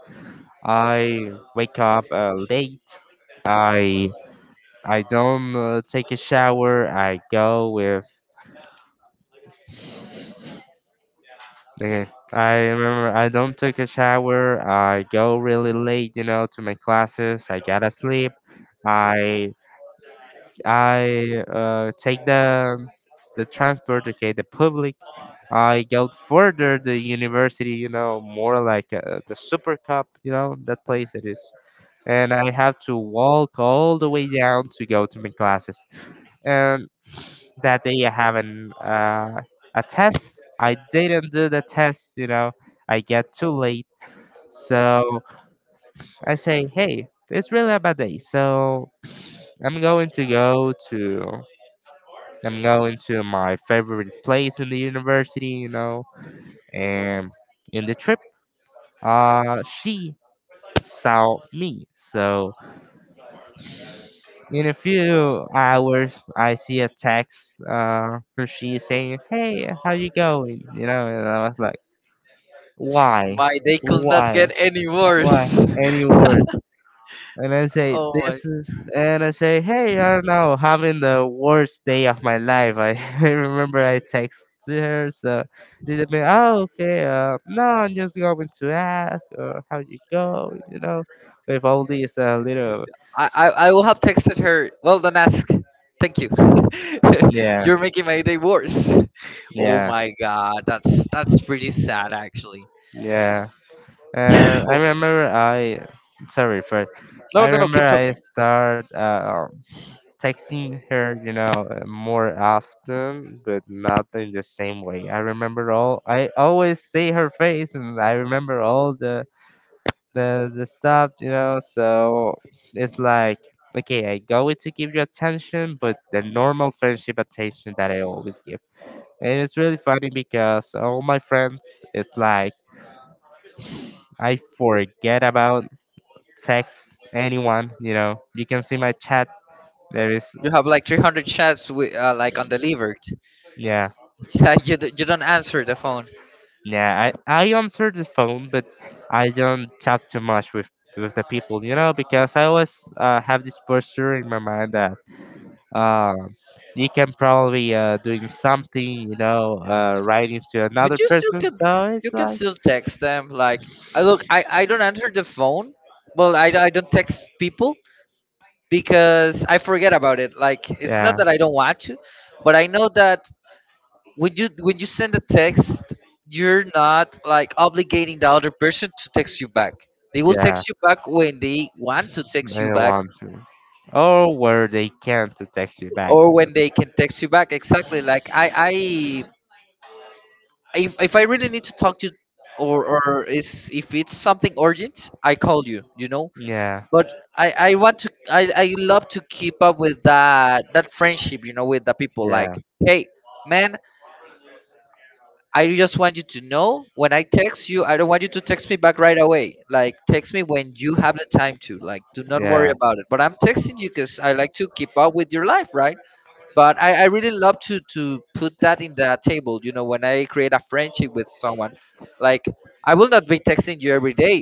Speaker 2: I wake up uh, late. I I don't uh, take a shower. I go with. Okay, I remember I don't take a shower. I go really late, you know, to my classes. I gotta sleep. I I uh, take the the transport, okay, the public. I go further the university, you know, more like uh, the Super Cup, you know, that place it is. And I have to walk all the way down to go to my classes. And that day I have an uh, a test. I didn't do the test, you know. I get too late. So I say, hey, it's really a bad day. So I'm going to go to, I'm going to my favorite place in the university, you know, and in the trip. Uh, she saw me. So in a few hours, I see a text uh, from she saying, "Hey, how you going?" You know, and I was like, "Why,
Speaker 1: My, they could not
Speaker 2: why,
Speaker 1: get any worse.
Speaker 2: why?" Any word. And I say,
Speaker 1: Oh my!
Speaker 2: this is, and I say, hey, I don't know, having the worst day of my life. I, I remember I texted her, so they'd be, oh, okay, uh, no, I'm just going to ask, or how you go, you know, with all these uh, little.
Speaker 1: I, I I will have texted her. Well done, ask. Thank you.
Speaker 2: Yeah,
Speaker 1: You're making my day worse. Oh
Speaker 2: yeah,
Speaker 1: my god, that's that's pretty sad actually.
Speaker 2: yeah. Uh, I
Speaker 1: Oh,
Speaker 2: remember I, sorry, but
Speaker 1: no
Speaker 2: I
Speaker 1: no no, keep
Speaker 2: remember I
Speaker 1: talking.
Speaker 2: start uh, um, texting her, you know, uh, more often, but not in the same way. I remember all. I always see her face, and I remember all the the the stuff, you know. So it's like, okay, I go in to give you attention, but the normal friendship attention that I always give. And it's really funny because all my friends, it's like I forget about text anyone, you know. You can see my chat. There is.
Speaker 1: You have like three hundred chats with uh, like undelivered.
Speaker 2: Yeah.
Speaker 1: It's like you d- you don't answer the phone.
Speaker 2: Yeah, I, I answer the phone, but I don't talk too much with with the people, you know, because I always uh, have this posture in my mind that um you can probably uh doing something, you know, uh writing to
Speaker 1: But
Speaker 2: another
Speaker 1: you still
Speaker 2: person,
Speaker 1: can,
Speaker 2: so
Speaker 1: you
Speaker 2: it's
Speaker 1: can
Speaker 2: like.
Speaker 1: still text them like, I look, i i don't answer the phone. Well i, I don't text people because I forget about it. Like it's not
Speaker 2: Yeah.
Speaker 1: that I don't want to, but I know that when you when you send a text, you're not like obligating the other person to text you back. They will
Speaker 2: Yeah.
Speaker 1: text you back when they want to
Speaker 2: They
Speaker 1: text you
Speaker 2: don't
Speaker 1: back,
Speaker 2: want to. Or where they can to text you back.
Speaker 1: or
Speaker 2: You know?
Speaker 1: when they can text you back. Exactly. Like I, if if I really need to talk to, or or is, if it's something urgent, I call you, you know.
Speaker 2: Yeah,
Speaker 1: But I I want to I I love to keep up with that that friendship, you know, with the people like,
Speaker 2: yeah.
Speaker 1: hey, man, I just want you to know when I text you, I don't want you to text me back right away. Like text me when you have the time to. Like do not worry
Speaker 2: Yeah,
Speaker 1: about it. But I'm texting you cuz I like to keep up with your life, right? But I, I really love to to put that in the table, you know, when I create a friendship with someone. Like I will not be texting you every day,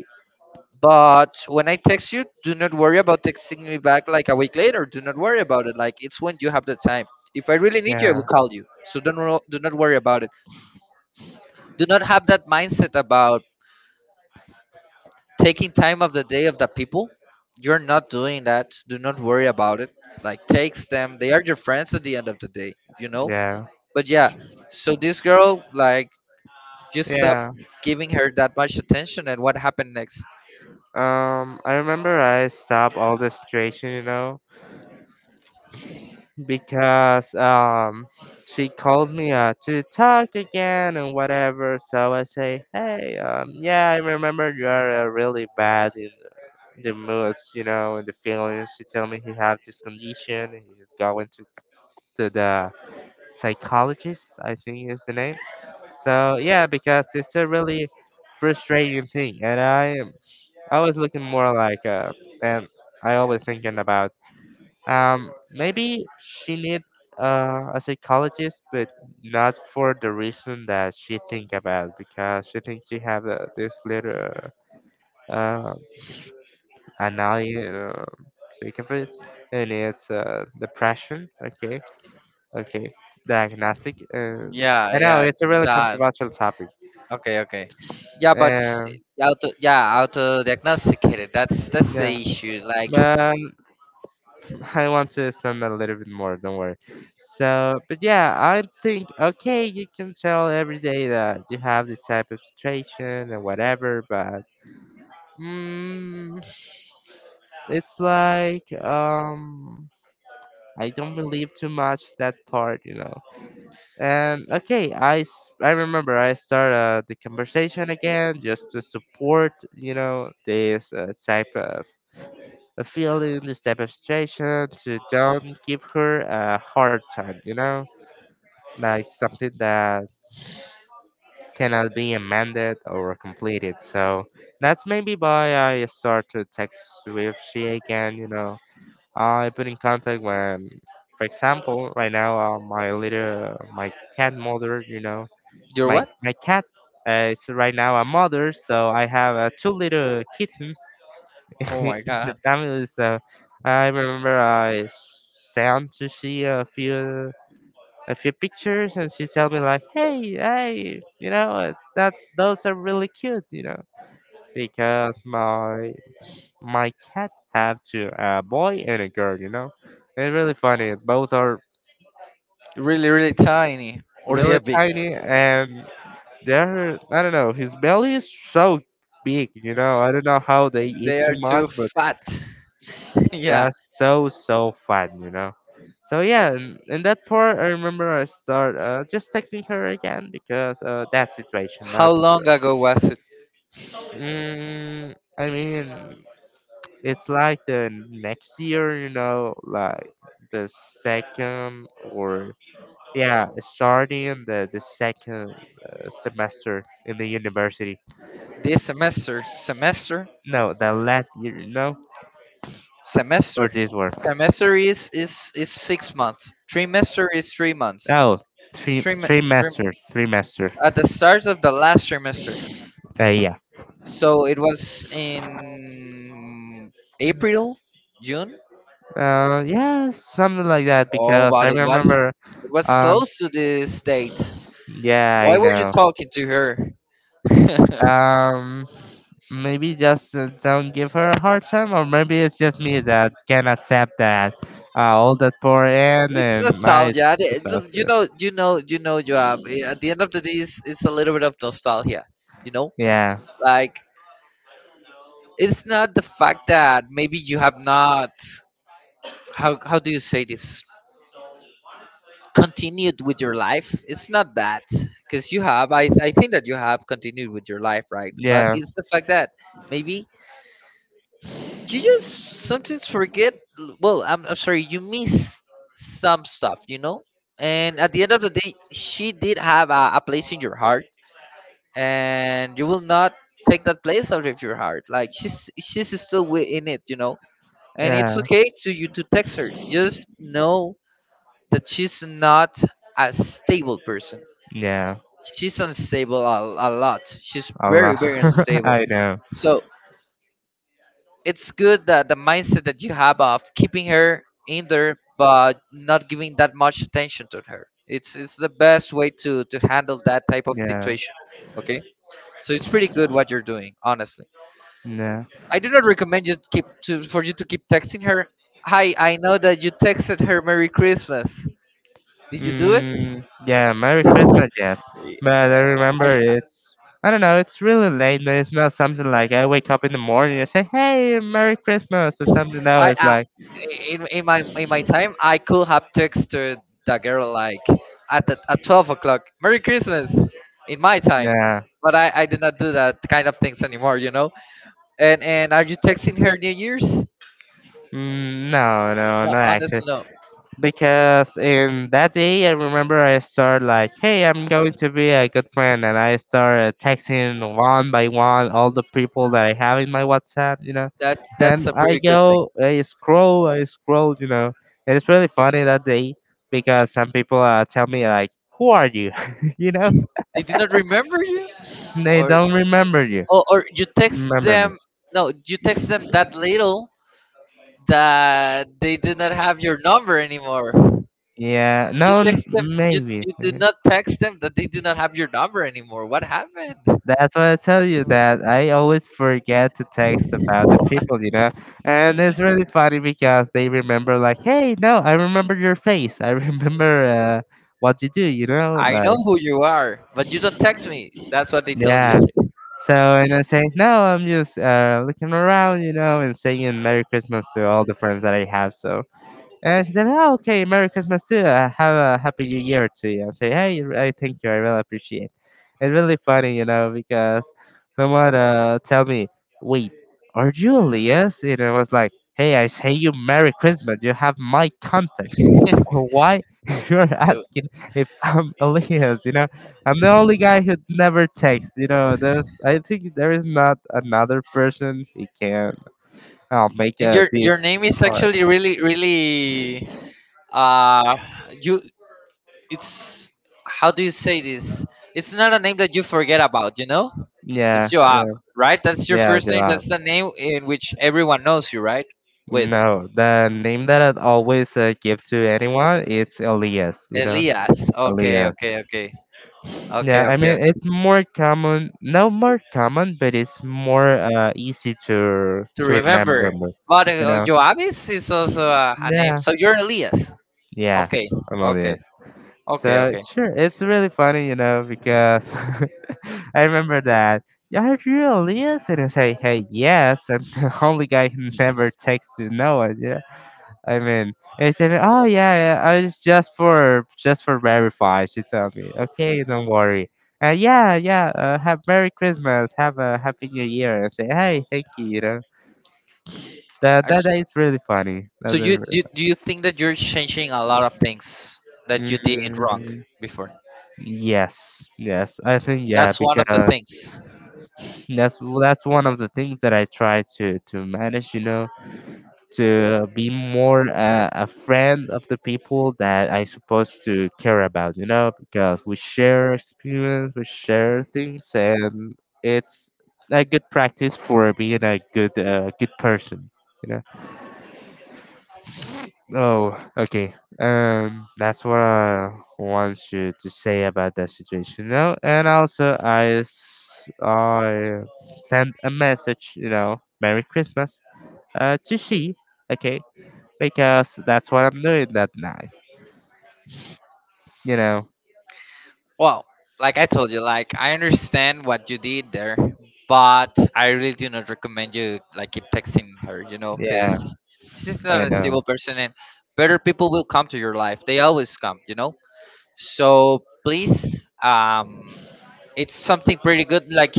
Speaker 1: but when I text you, do not worry about texting me back like a week later. Do not worry about it. Like it's when you have the time. If I really need you, I
Speaker 2: yeah,
Speaker 1: will call you, so don't wo- do not worry about it. Do not have that mindset about taking time of the day of the people. You're not doing that. Do not worry about it. Like text them, they are your friends at the end of the day, you know.
Speaker 2: yeah,
Speaker 1: But yeah, so this girl like just stopped
Speaker 2: yeah.
Speaker 1: giving her that much attention, and what happened next?
Speaker 2: Um, I remember I stopped all the situation, you know, because um she called me uh to talk again and whatever. So I say, hey, um yeah, I remember you are uh, really bad in the moods, you know, and the feelings. She told me he have this condition and he's going to to the psychologist, I think is the name. So yeah, because it's a really frustrating thing. And i am i was looking more like uh and I always thinking about um, maybe she need uh, a psychologist, but not for the reason that she think about, because she thinks she have uh, this little uh, annoying uh, sick of it, and it's uh, depression. Okay, okay, diagnostic. Uh,
Speaker 1: Yeah,
Speaker 2: I know
Speaker 1: yeah,
Speaker 2: it's a really
Speaker 1: that.
Speaker 2: controversial topic.
Speaker 1: Okay, okay. Yeah, but sh-
Speaker 2: Um,
Speaker 1: auto, yeah, auto diagnosticated. That's that's the
Speaker 2: yeah,
Speaker 1: issue. Like
Speaker 2: but I want to understand that a little bit more, don't worry. So, but yeah, I think, okay, you can tell every day that you have this type of situation and whatever, but mm, it's like, um, I don't believe too much that part, you know. And okay, I, s- I remember I started uh, the conversation again, just to support, you know, this uh, type of a feeling, this demonstration to don't give her a hard time, you know, like something that cannot be amended or completed. So that's maybe why I start to text with she again, you know. I put in contact when, for example, right now uh, my little my cat mother, you know,
Speaker 1: you're
Speaker 2: my
Speaker 1: what?
Speaker 2: my cat uh, is right now a mother, so I have uh, two little kittens.
Speaker 1: Oh my
Speaker 2: The
Speaker 1: god,
Speaker 2: family. So I remember I sent to see a few a few pictures, and she told me like, "Hey, hey, you know, it's, that's, those are really cute," you know. Because my my cat have two, a boy and a girl, you know. It's really funny. Both are
Speaker 1: really, really tiny, or they
Speaker 2: really
Speaker 1: are big?
Speaker 2: tiny, and they're, I don't know, his belly is so big, you know. I don't know how they eat
Speaker 1: They
Speaker 2: so
Speaker 1: are
Speaker 2: much,
Speaker 1: too
Speaker 2: but
Speaker 1: fat. Yeah.
Speaker 2: that's so so fun, you know. So yeah, and, and that part, I remember I start uh, just texting her again because uh, that situation. Not,
Speaker 1: How long ago was it?
Speaker 2: mm, I mean, it's like the next year, you know, like the second or yeah, starting the the second uh, semester in the university.
Speaker 1: This semester? Semester?
Speaker 2: No, the last year, no, or
Speaker 1: Semester.
Speaker 2: this one.
Speaker 1: Semester is is is six months. Trimester is three months.
Speaker 2: Oh, three
Speaker 1: Trim,
Speaker 2: three
Speaker 1: trim
Speaker 2: master, three master.
Speaker 1: at the start of the last trimester.
Speaker 2: Uh, yeah.
Speaker 1: So it was in April, June.
Speaker 2: Uh, yeah, something like that,
Speaker 1: Oh,
Speaker 2: because I
Speaker 1: but it was,
Speaker 2: remember.
Speaker 1: it was
Speaker 2: Um,
Speaker 1: close to this date.
Speaker 2: yeah, I
Speaker 1: Why were you
Speaker 2: know.
Speaker 1: talking to her? It's
Speaker 2: Um, Maybe just uh, don't give her a hard time, or maybe it's just me that can accept that. Uh, all that pour in, and I
Speaker 1: nostalgia. The- the-
Speaker 2: suppose
Speaker 1: You
Speaker 2: to.
Speaker 1: know, you know, you know, Joab. eh, At the end of the day, it's, it's a little bit of nostalgia. You know,
Speaker 2: Yeah,
Speaker 1: like it's not the fact that maybe you have not, how how do you say this, continued with your life. It's not that, because you have, I, I think that you have continued with your life, right? But
Speaker 2: yeah,
Speaker 1: it's the fact that maybe you just sometimes forget. Well, i'm, I'm sorry you miss some stuff, you know. And at the end of the day, she did have a, a place in your heart, and you will not take that place out of your heart. Like she's she's still wi- in it, you know. And it's
Speaker 2: yeah,
Speaker 1: okay to you to text her. Just know that she's not a stable person.
Speaker 2: yeah.
Speaker 1: She's unstable a, a lot. She's very,
Speaker 2: Allah,
Speaker 1: very unstable.
Speaker 2: I know.
Speaker 1: So it's good that the mindset that you have of keeping her in there but not giving that much attention to her. It's it's the best way to to handle that type of
Speaker 2: Yeah,
Speaker 1: situation. Okay, so it's pretty good what you're doing, honestly.
Speaker 2: yeah.
Speaker 1: I do not recommend you to keep to, for you to keep texting her. Hi, I know that you texted her Merry Christmas. Did you do it?
Speaker 2: Mm, yeah, Merry Christmas, yes. But I
Speaker 1: Yeah,
Speaker 2: remember it's, I don't know, it's really late. And it's not something like I wake up in the morning and say, hey, Merry Christmas or something. No,
Speaker 1: I, I,
Speaker 2: it's
Speaker 1: I
Speaker 2: like,
Speaker 1: in, in my, in my time, I could have texted that girl like at the, at twelve o'clock. Merry Christmas in my time,
Speaker 2: nah,
Speaker 1: but I I do not do that kind of things anymore. You know. And and are you texting her New Year's?
Speaker 2: mm, no, no,
Speaker 1: No,
Speaker 2: not actually.
Speaker 1: honestly, no.
Speaker 2: Because in that day, I remember I started like, hey, I'm going to be a good friend, and I started texting one by one all the people that I have in my WhatsApp, you know.
Speaker 1: That's
Speaker 2: And
Speaker 1: that's a
Speaker 2: I
Speaker 1: pretty good thing.
Speaker 2: go, I scroll, I scroll, you know, and it's really funny that day, because some people uh, tell me like, "Who are you?" You know,
Speaker 1: They did not remember you,
Speaker 2: they
Speaker 1: or
Speaker 2: don't remember you,
Speaker 1: or, or you text
Speaker 2: remember me.
Speaker 1: them, no you text them that little, that they do not have your number anymore.
Speaker 2: Yeah,
Speaker 1: You
Speaker 2: no, n-
Speaker 1: text them, you,
Speaker 2: maybe.
Speaker 1: you do not text them that they do not have your number anymore, what happened.
Speaker 2: That's why I tell you that I always forget to text about the people, you know? And it's really funny because they remember, like, "Hey, no, I remember your face. I remember uh, what you do," you know?
Speaker 1: I
Speaker 2: Like.
Speaker 1: know who you are, but you don't text me, that's what they tell you.
Speaker 2: Yeah. So, and I say, no, I'm just uh, looking around, you know, and saying Merry Christmas to all the friends that I have. So, and she said, "Oh, okay, Merry Christmas too. Uh, have a Happy New Year to you." And say, "Hey, I thank you. I really appreciate." It's really funny, you know, because someone uh tell me, "Wait, are you Elias?" And I was like, "Hey, I say you Merry Christmas. You have my contact. Why you're
Speaker 1: So,
Speaker 2: asking if I'm Elias? You know, I'm the only guy who never texts. You know, there's, I think there is not another person who can. I'll make
Speaker 1: and
Speaker 2: uh,
Speaker 1: your
Speaker 2: this
Speaker 1: your name is
Speaker 2: hard."
Speaker 1: actually really, really uh you, it's, how do you say this, it's not a name that you forget about, you know. It's
Speaker 2: Yeah, I.
Speaker 1: Joab, right? That's your
Speaker 2: Yeah,
Speaker 1: first name. That's
Speaker 2: Gerard.
Speaker 1: the name in which everyone knows you, right? With
Speaker 2: No, the name that I always uh, give to anyone, it's Elias. You know,
Speaker 1: Elias. Okay,
Speaker 2: Elias.
Speaker 1: okay, okay. Okay,
Speaker 2: Yeah, I
Speaker 1: okay,
Speaker 2: mean
Speaker 1: okay.
Speaker 2: it's more common, no more common, but it's more uh, easy to
Speaker 1: To
Speaker 2: to
Speaker 1: remember.
Speaker 2: remember. More.
Speaker 1: But
Speaker 2: You
Speaker 1: uh,
Speaker 2: know.
Speaker 1: Joab is, is also a, a name.
Speaker 2: Yeah.
Speaker 1: So you're Elias.
Speaker 2: Yeah,
Speaker 1: Okay,
Speaker 2: I'm
Speaker 1: okay,
Speaker 2: Elias.
Speaker 1: okay,
Speaker 2: So
Speaker 1: okay.
Speaker 2: sure, it's really funny, you know, because I remember that. Yeah, if you're Elias, and I say, hey, yes, I'm the only guy who never texts you, no one. I mean, it's even, oh yeah, yeah, I was just for just for verify. She told me, okay, don't worry. Uh, yeah, yeah. Uh, have Merry Christmas. Have a Happy New Year. I say, hey, thank you. You know, that
Speaker 1: I
Speaker 2: that
Speaker 1: sh-
Speaker 2: that is really funny.
Speaker 1: So
Speaker 2: That's
Speaker 1: you
Speaker 2: really.
Speaker 1: do, do you think that you're changing a lot of things that you did wrong
Speaker 2: mm,
Speaker 1: before?
Speaker 2: yes, yes. I think yeah,
Speaker 1: That's one of the
Speaker 2: because
Speaker 1: things.
Speaker 2: that's that's one of the things that I try to to manage. You know, to be more uh, a friend of the people that I supposed to care about, you know, because we share experience, we share things, and it's a good practice for being a good uh, good person, you know. Oh, okay. Um, that's what I want you to say about that situation, you know. And also, I s- I sent a message, you know, Merry Christmas, uh, to she. Okay, because that's what I'm doing that night. You know?
Speaker 1: Well, like I told you, like I understand what you did there, but I really do not recommend you like keep texting her, you know,
Speaker 2: Yeah,
Speaker 1: because she's not
Speaker 2: I
Speaker 1: a
Speaker 2: know.
Speaker 1: stable person, and better people will come to your life. They always come, you know. So please, um, it's something pretty good. Like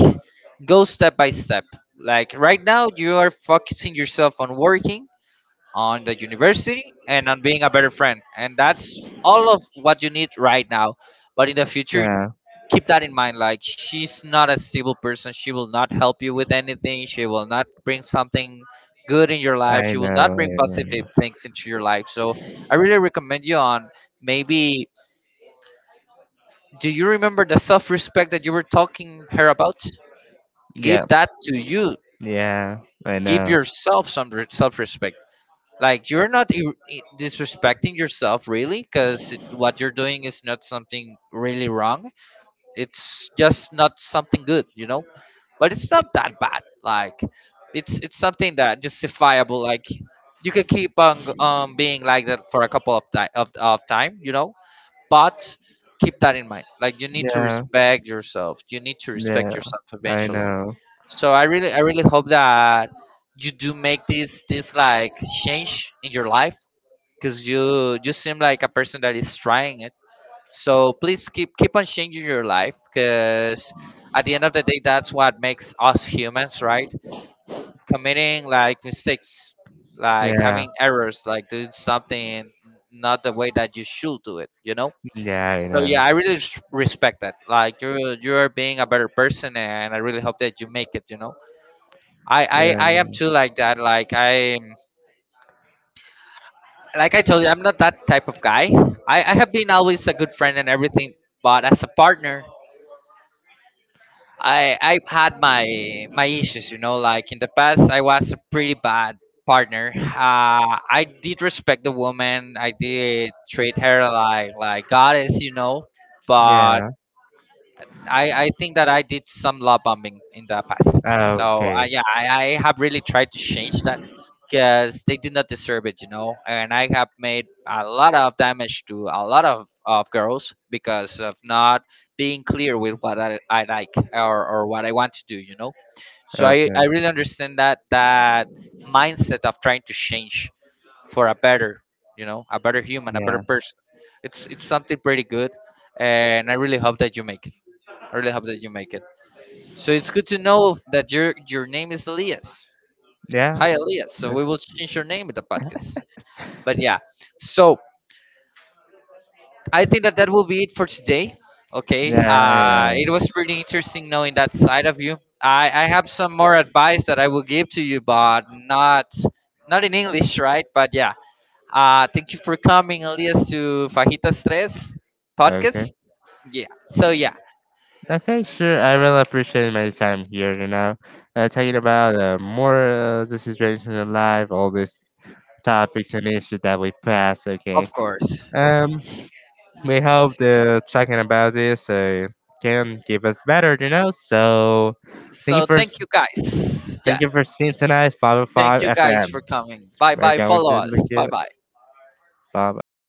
Speaker 1: go step by step. Like right now, you are focusing yourself on working, on the university, and on being a better friend, and that's all of what you need right now. But in the future,
Speaker 2: Yeah,
Speaker 1: keep that in mind. Like she's not a stable person, she will not help you with anything, she will not bring something good in your life,
Speaker 2: I
Speaker 1: she will
Speaker 2: know.
Speaker 1: not bring
Speaker 2: I
Speaker 1: positive
Speaker 2: know.
Speaker 1: things into your life. So I really recommend you on, maybe, do you remember the self-respect that you were talking her about?
Speaker 2: Yeah,
Speaker 1: Give that to you.
Speaker 2: yeah, I
Speaker 1: Give
Speaker 2: know.
Speaker 1: yourself some re- self-respect. Like you're not ir- i- disrespecting yourself really, because what you're doing is not something really wrong. It's just not something good, you know. But it's not that bad. Like it's it's something that justifiable. Like you could keep on um being like that for a couple of time of, of time, you know. But keep that in mind. Like you need to
Speaker 2: Yeah,
Speaker 1: respect yourself. You need to respect
Speaker 2: yeah,
Speaker 1: yourself
Speaker 2: I
Speaker 1: eventually.
Speaker 2: know.
Speaker 1: So I really I really hope that you do make this this like change in your life, because you just seem like a person that is trying it. So please keep keep on changing your life, because at the end of the day that's what makes us humans, right? Committing like mistakes, like
Speaker 2: Yeah,
Speaker 1: having errors, like doing something not the way that you should do it, you know.
Speaker 2: yeah, I
Speaker 1: So yeah,
Speaker 2: know.
Speaker 1: I really res- respect that. Like you're you're being a better person, and I really hope that you make it, you know. i
Speaker 2: Yeah,
Speaker 1: i, I am too like that. Like I like I told you, I'm not that type of guy. I, I have been always a good friend and everything, but as a partner, I I had my my issues. You know, like in the past, I was a pretty bad partner. Uh, I did respect the woman. I did treat her like like goddess. You know, but
Speaker 2: yeah.
Speaker 1: I, I think that I did some love bombing in the past. So I,
Speaker 2: Okay,
Speaker 1: yeah, I, I have really tried to change that, because they do not deserve it, you know. And I have made a lot of damage to a lot of, of girls because of not being clear with what I, I like or, or what I want to do, you know. So I,
Speaker 2: okay.
Speaker 1: I really understand that that mindset of trying to change for a better, you know, a better human, a better
Speaker 2: Yeah,
Speaker 1: person. It's it's something pretty good, and I really hope that you make it. I really hope that you make it. So it's good to know that your your name is Elias.
Speaker 2: yeah,
Speaker 1: Hi, Elias. So we will change your name in the podcast. But yeah, so I think that that will be it for today. Okay,
Speaker 2: yeah. I
Speaker 1: uh, it
Speaker 2: know.
Speaker 1: was pretty interesting knowing that side of you. I, I have some more advice that I will give to you, but not not in English, right? But yeah, uh, thank you for coming, Elias, to Fajitas Tres
Speaker 2: Okay.
Speaker 1: podcast. Yeah. So yeah,
Speaker 2: Okay, sure. I really appreciate my time here, you know, uh, talking about uh, more uh, the situation in life, all these topics and issues that we pass. Okay.
Speaker 1: of course.
Speaker 2: Um, we hope the talking about this uh, can give us better, you know. So, thank you
Speaker 1: So
Speaker 2: for
Speaker 1: thank you guys.
Speaker 2: thank
Speaker 1: Yeah.
Speaker 2: you for seeing tonight's five o
Speaker 1: Thank
Speaker 2: five
Speaker 1: you guys
Speaker 2: F M.
Speaker 1: for coming. Bye
Speaker 2: We're
Speaker 1: bye.
Speaker 2: going
Speaker 1: Follow
Speaker 2: to look
Speaker 1: us. Bye
Speaker 2: it.
Speaker 1: bye.
Speaker 2: Bye bye.